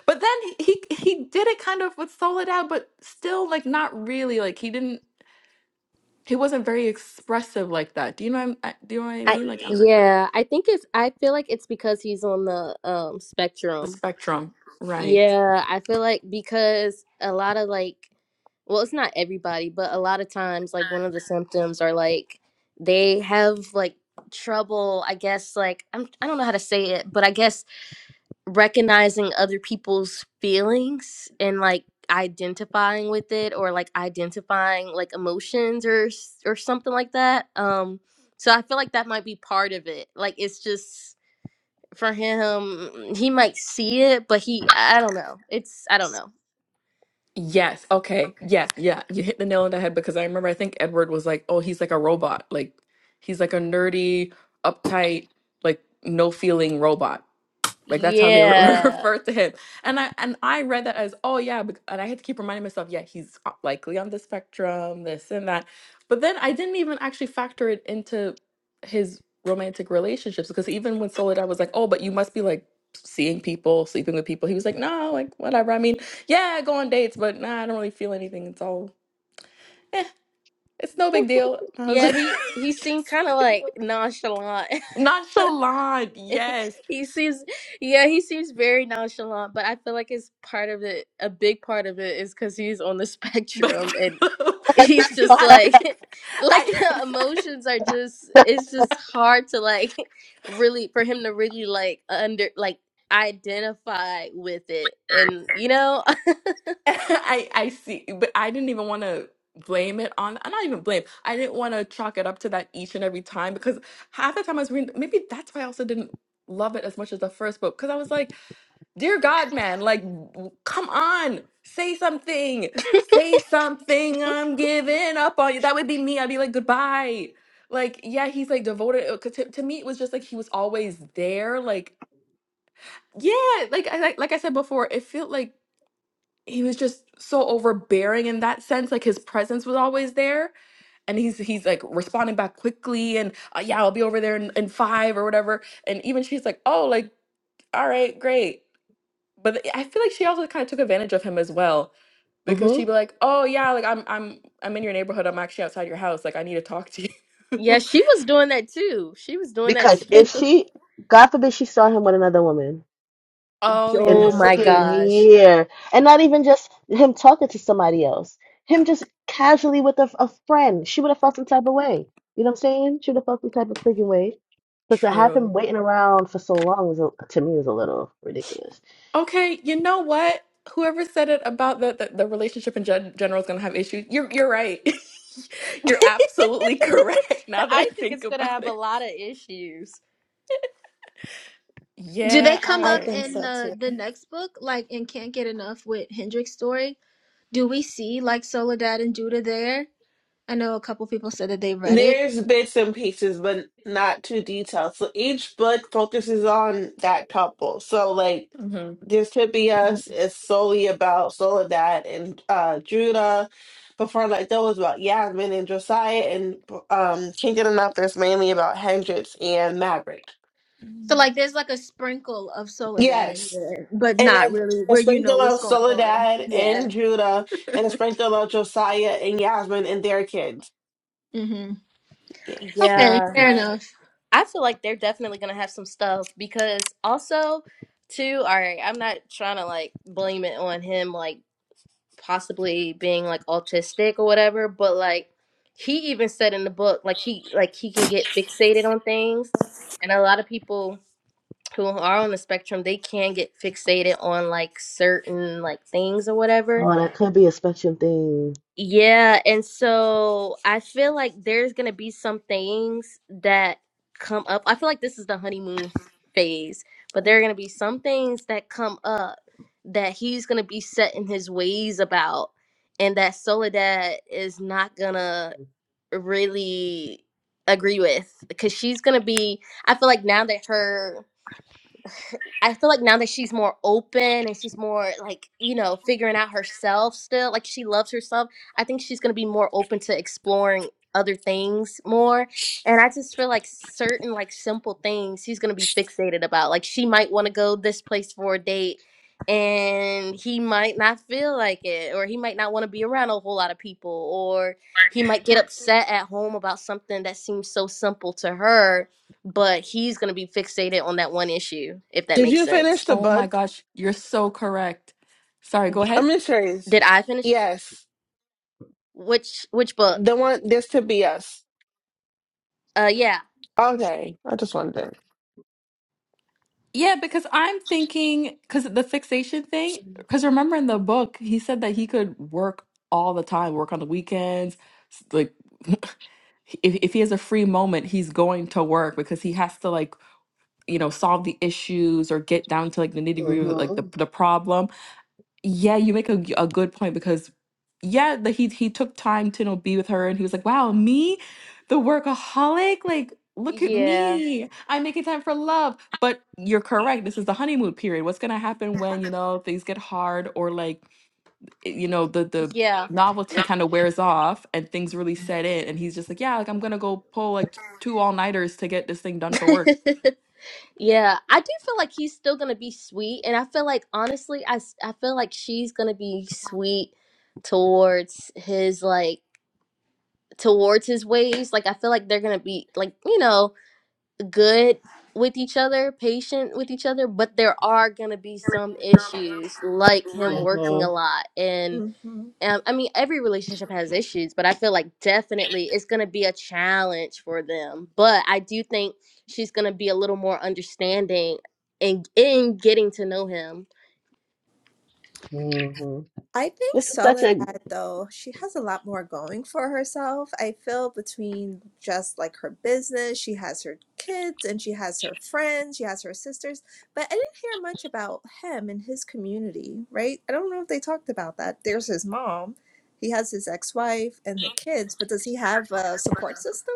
S2: but then he he he did it kind of with solid out but still like not really like he didn't he wasn't very expressive like that. Do you know what I'm, I, do you know what I
S3: I
S2: mean? Like i
S3: yeah, I think it's I feel like it's because he's on the um
S2: the
S3: spectrum.
S2: spectrum, right?
S3: Yeah, I feel like because a lot of like well, it's not everybody, but a lot of times like one of the symptoms are like they have like trouble, I guess like I'm I don't know how to say it, but I guess recognizing other people's feelings and like identifying with it or like identifying like emotions or s- or something like that um so i feel like that might be part of it like it's just for him he might see it but he i don't know it's i don't know
S2: Yes. Okay. Yeah. Yeah. You hit the nail on the head because I remember I think Edward was like, "Oh, he's like a robot. Like he's like a nerdy, uptight, like no feeling robot." Like that's how they re- *laughs*
S3: yeah
S2: refer to him. And I and I read that as, oh yeah, bec- and I had to keep reminding myself, yeah, he's o- likely on the spectrum, this and that. But then I didn't even actually factor it into his romantic relationships because even when Soledad was like, oh, but you must be like seeing people, sleeping with people, he was like, no, like whatever. I mean, yeah, I go on dates, but nah, I don't really feel anything. It's all, eh, it's no big deal. I was *laughs*
S3: yeah he he seemed
S2: just
S3: kind of like nonchalant
S2: *laughs*
S3: *laughs*
S2: nonchalant.
S3: *laughs*
S2: Yes,
S3: he seems yeah he seems very nonchalant but i feel like it's part of it a big part of it is because he's on the *laughs*
S2: But
S3: spectrum
S2: *laughs*
S3: and he's
S2: because
S3: just
S2: I,
S3: like *laughs* like
S2: I,
S3: the emotions are just it's just hard to like *laughs* really for him to really like under like identify with it and you know
S2: *laughs* I, I see, but I didn't even want to blame it on. I not even blame. I didn't want to chalk it up to that each and every time because half the time I was reading. Maybe that's why I also didn't love it as much as the first book because I was like, "Dear God, man, like, w- come on, say something,
S3: *laughs*
S2: say something. I'm giving up on you." That would be me. I'd be like, "Goodbye." Like, yeah, he's like devoted. uh, 'cause To, to me, it was just like he was always there, like Yeah, like I like, like I said before, it felt like he was just so overbearing in that sense. Like his presence was always there, and he's he's like responding back quickly, and uh, yeah, I'll be over there in, in five or whatever. And even she's like, oh, like all right, great. But th- I feel like she also kind of took advantage of him as well,
S1: Mm-hmm.
S2: because she'd be like, oh yeah, like I'm I'm I'm in your neighborhood. I'm actually outside your house. Like I need to talk to you.
S3: yeah
S2: *laughs*
S3: she was doing that too she was doing that
S1: Because
S3: too
S1: if she, God forbid, she saw him with another woman
S2: oh
S3: *laughs*
S1: in the
S3: oh
S2: yeah, that's
S3: my
S2: right.
S1: freaking
S3: gosh
S1: year, and not even just him talking to somebody else, him just casually with a, a friend, she would have felt some type of way. You know what I'm saying? She would have felt some type of freaking way. But to have
S2: True.
S1: him waiting around for so long was a, to me was a little ridiculous.
S2: Okay, you know what? Whoever said it about the the, the relationship in gen- general is going to have issues. You're you're right. *laughs*
S3: *laughs*
S2: you're absolutely correct. Now that I
S3: i think
S2: think
S3: it's gonna
S2: about
S3: have a
S2: it.
S3: lot of issues
S4: Do they
S2: Yeah. All
S4: come
S6: I
S2: right.
S4: up
S6: think
S4: in
S6: so
S4: the
S6: too.
S4: the next book, like in Can't Get Enough with Hendrick's story? Do we see like Soledad and Judah there? I know a couple people said that they read it.
S5: There's bits and pieces, but not too detailed. So each book focuses on that couple. So like
S2: Mhm.
S5: this could be
S4: Mhm.
S5: us is solely about Soledad and uh Judah. Before like that was about Yasmin and Josiah and um Kingdom Enough there's mainly about Hendrix and Maverick.
S4: So
S6: Mm.
S4: like there's like a sprinkle of Soledad in
S5: Yes.
S4: there, but
S5: And
S4: not really
S5: a, a
S4: where you know
S5: sprinkle
S4: what's
S5: of
S4: going on.
S5: Soledad
S4: Yeah.
S5: and Judah and a
S2: *laughs*
S5: sprinkle of Josiah and Yasmin and their kids.
S4: hmm
S5: Yes.
S1: Mhm.
S4: Okay,
S3: Yeah.
S4: fair enough.
S3: I feel like they're definitely gonna have some stuff because also too, all right, I'm not trying to like blame it on him like possibly being like autistic or whatever, but like he even said in the book like he like he can get fixated on things and a lot of people who are on the spectrum they can get fixated on like certain like things or whatever
S1: Oh, that could be a spectrum thing.
S3: Yeah, and so I feel like there's gonna be some things that come up. I feel like this is the honeymoon phase, but
S6: I
S3: there are gonna be some things that come up that he's gonna be set in his ways about, and that Soledad is not gonna really agree with because she's gonna be. I feel like now that her I feel like now that she's more open and she's more like, you know, figuring out herself still, like she loves herself, I think she's going to be more open to exploring other things more. And I just feel like certain like simple things she's going to be fixated about. Like she might want to go this place for a date and he might not feel like it or he might not want to be around a whole lot of people or he might get upset at home about something that seems so simple to her but he's going to be fixated on that one issue if that
S5: Did
S3: makes
S5: you finish
S3: sense
S5: the
S2: Oh
S5: book?
S2: my gosh, you're so correct. Sorry, go
S5: I'm
S2: ahead.
S5: in Trace.
S3: did i finish
S5: Yes.
S3: which which book
S5: The one this to be us.
S3: uh yeah
S5: Okay. I just wanted to.
S2: Yeah, because I'm thinking, because the fixation thing, because remember in the book, he said that he could work all the time, work on the weekends. s- Like, *laughs* if, if he has a free moment, he's going to work because he has to, like, you know solve the issues or get down to like the nitty gritty of like the,
S1: Mm-hmm.
S2: the problem yeah you make a a good point because yeah the, he he took time to you know be with her and he was like wow me the workaholic like look at
S3: yeah
S2: me i'm making time for love but you're correct this is the honeymoon period what's going to happen when you know things get hard or like i- you know the the
S3: yeah
S2: novelty kind
S3: *laughs*
S2: of wears off and things really set in and he's just like yeah like i'm going to go pull like two all-nighters to get this thing done for work
S3: yeah i do feel like he's still going to be sweet and i feel like honestly i s- i feel like she's going to be sweet towards his like towards his ways like i feel like they're going to be like you know good with each other, patient with each other, but there are going to be some issues like him working a
S1: Mm-hmm.
S3: lot. And
S6: think.
S3: um, I mean, every relationship has issues, but I feel like definitely it's going to be a challenge for them. But I do think she's going to be a little more understanding in, in getting to know him.
S1: Mm-hmm.
S6: I think
S1: This is such a
S6: Soledad, though, she has a lot more going for herself. I feel between just like her business, she has her kids and she has her friends, she has her sisters. But I didn't hear much about him and his community, right? I don't know if they talked about that. There's his mom, he has his ex wife and the kids, but does he have a support system?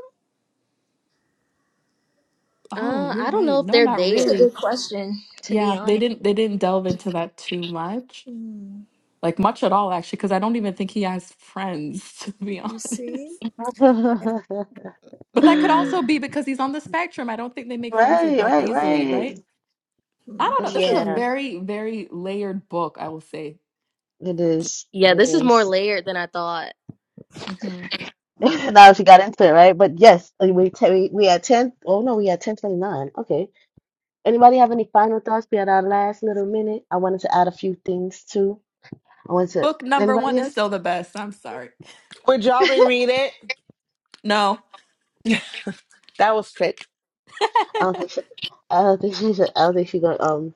S2: Oh,
S3: Uh,
S2: you're
S3: I don't
S2: right.
S3: know if
S2: No,
S3: they're
S2: not
S4: That's a
S3: there.
S2: really.
S4: good question, to be
S2: Yeah, they
S4: honest.
S2: didn't they didn't delve into that too much.
S6: Hmm.
S2: Like much at all actually because I don't even think he has friends *laughs* to be
S6: You see?
S2: honest.
S6: Yeah.
S1: *laughs*
S2: But that could
S3: Mm,
S2: also be because he's on the spectrum. I don't think they make friends like
S1: Right,
S2: that
S1: right,
S2: easily,
S1: right.
S2: right? I
S6: Hmm.
S2: don't know.
S1: That's
S2: This is a
S3: yeah.
S1: true.
S2: very very layered book, I will say.
S1: It is.
S3: Yeah,
S1: It
S3: this is more
S1: is.
S3: layered than I thought.
S2: hmm
S1: *laughs* Now, if you got into it, right? But yes, uh, we t we we at ten. Oh no, we at ten twenty nine. Okay. Anybody have any final thoughts? We had our last little minute. I wanted to add a few things too. I wanted to.
S2: Book number 1
S1: Anybody
S2: is
S1: else?
S2: still the best. I'm sorry. *laughs*
S5: Would y'all reread it?
S2: No. *laughs*
S5: *laughs* That was quick.
S1: I don't think she. I don't think she should. I don't think she going. Um.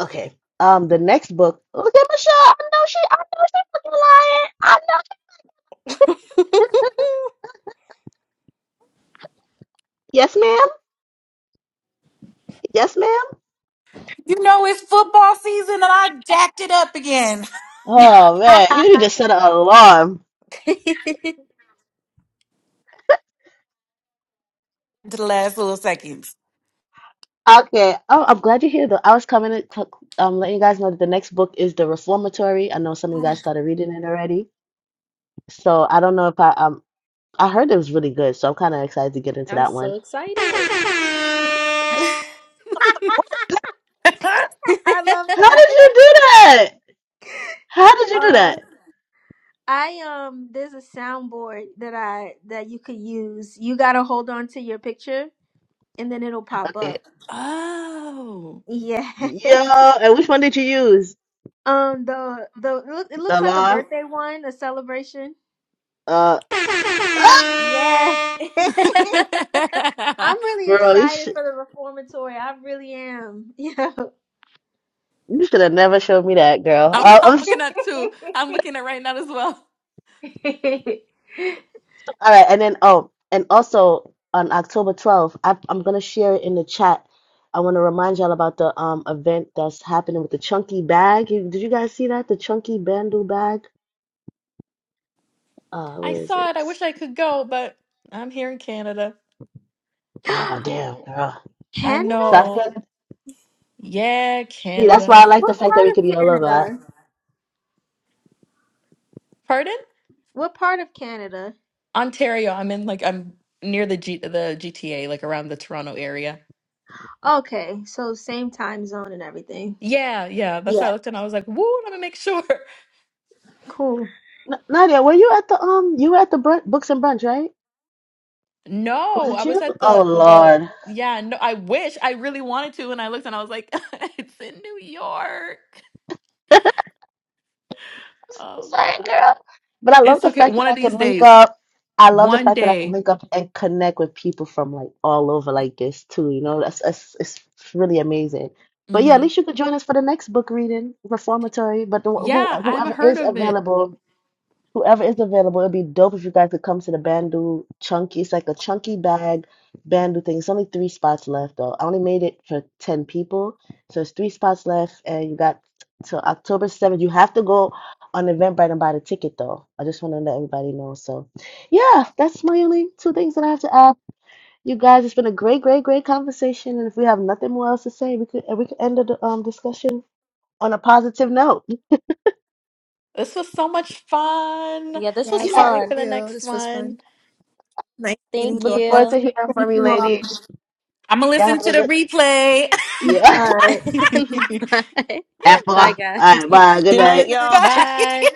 S1: Okay. Um. The next book. Look at Michelle. I know she. I know she fucking lying. I know. Yes, ma'am. Yes, ma'am.
S7: You know it's football season and I jacked it up again
S1: Oh man, you
S4: *laughs*
S1: need to set an alarm.
S7: *laughs* to the last little seconds.
S1: Okay. Oh, I'm glad you're here though. I was coming to t- um let you guys know that the next book is The Reformatory. I know some of you guys started reading it already. So I don't know if I um I heard it was really good, so I'm kind of excited to get
S3: *laughs*
S1: into
S3: I'm
S1: that one.
S3: so
S4: *laughs*
S3: excited.
S4: I
S7: *laughs* I'm
S3: *laughs*
S4: love
S1: How
S4: that.
S1: did you
S4: *laughs*
S1: do that? How did you do
S4: Uh,
S1: that?
S4: I um, there's a soundboard that I that you could use. You gotta hold on to your picture, and then it'll pop
S1: Okay.
S4: up.
S2: Oh.
S4: Yeah. *laughs*
S1: Yo, and which one did you use?
S4: um, the the it look- it
S1: The
S4: looks like a
S1: alarm?
S4: birthday one, a celebration.
S1: Uh, *laughs*
S4: Yeah.
S1: ah,
S4: *laughs*
S2: *laughs* I'm,
S3: *laughs*
S4: I'm really
S1: girl, you
S4: excited
S1: should
S4: for the reformatory. I really am. *laughs*
S1: you should have never showed me that, girl. Uh,
S2: I'm
S1: *laughs*
S2: looking at two. I'm looking at right now as well.
S1: All right, and then oh, and also on October 12th, I, I'm gonna share it in the chat. I want to remind y'all about the um event that's happening with the chunky bag. You, did you guys see that? The chunky bando bag. Uh,
S2: I
S1: where is
S2: saw
S1: it?
S2: it. I wish I could go, but I'm here in Canada.
S1: Oh
S4: Yeah.
S1: damn, girl.
S4: *laughs*
S2: I
S4: Canada?
S1: South
S2: know.
S1: Carolina.
S2: Yeah,
S1: See,
S4: What
S1: that's why I
S2: Canada.
S1: like
S4: what
S1: the fact
S4: part
S1: that we could be
S4: of
S1: all over. I-
S4: Canada?
S2: Pardon?
S4: What part of Canada?
S2: Ontario. I'm in like I'm near the G the GTA, like around the Toronto area.
S4: Okay, so same time zone and everything.
S2: Yeah, yeah. That's how
S4: Yeah.
S2: I looked and I was like, woo, let me make sure. *laughs*
S4: Cool.
S1: N- Nadia, were you at the um? You were at the brun books and brunch, right? Was
S2: No, I
S1: it
S2: was
S1: you?
S2: at
S1: Oh
S2: the the
S1: Lord.
S2: yeah, no, I wish I really wanted to, and I looked and I was like, *laughs* it's in New York.
S1: I'm
S2: Oh
S1: Sorry,
S2: God.
S1: girl. But I love
S2: It's
S1: the
S2: okay.
S1: fact
S2: One
S1: that
S2: of
S1: I could
S2: these
S1: link
S2: days.
S1: up. I love the
S2: One
S1: fact that I can
S2: day.
S1: link up and connect with people from like all over like this too. You know, that's, that's it's really amazing. But yeah, at
S2: hmm
S1: least you could join us for the next book reading reformatory. But the, who
S2: Yeah, I haven't
S1: whoever
S2: heard
S1: is
S2: of it.
S1: available Whoever is available, it'd be dope if you guys could come to the Bandu Chunky. It's like a chunky bag Bandu thing. It's only three spots left though. I only made it for 10 people. So it's three spots left and you got till October 7th. You have to go on Eventbrite and buy the ticket though. I just want to let everybody know. So yeah, that's my only two things that I have to add. You guys, it's been a great, great, great conversation. And if we have nothing more else to say, we could we could end the um discussion on a positive note. *laughs*
S2: This was so much fun.
S3: yeah, this
S2: I
S3: was
S6: Yes,
S1: Yeah.
S2: can't
S6: thank
S2: wait for
S3: fun.
S2: the
S6: you.
S2: next
S6: This was fun.
S2: one.
S6: Nice meeting
S3: Thank
S6: you
S1: Looking
S6: all.
S1: forward to
S3: you.
S1: hearing from
S4: Thank
S1: you,
S4: you all.
S1: ladies.
S7: gonna
S1: Y'all
S7: listen
S1: have a
S7: to the
S1: good
S7: replay.
S1: Yeah.
S4: All
S1: *laughs*
S3: *laughs*
S4: right.
S2: *laughs*
S3: Bye.
S1: After
S3: Bye,
S1: all All right,
S3: guys.
S1: bye. Good
S5: Good
S6: *laughs*
S5: night,
S6: Good
S1: night.
S6: night.
S7: *laughs*
S5: y'all.
S7: Bye.
S2: Bye.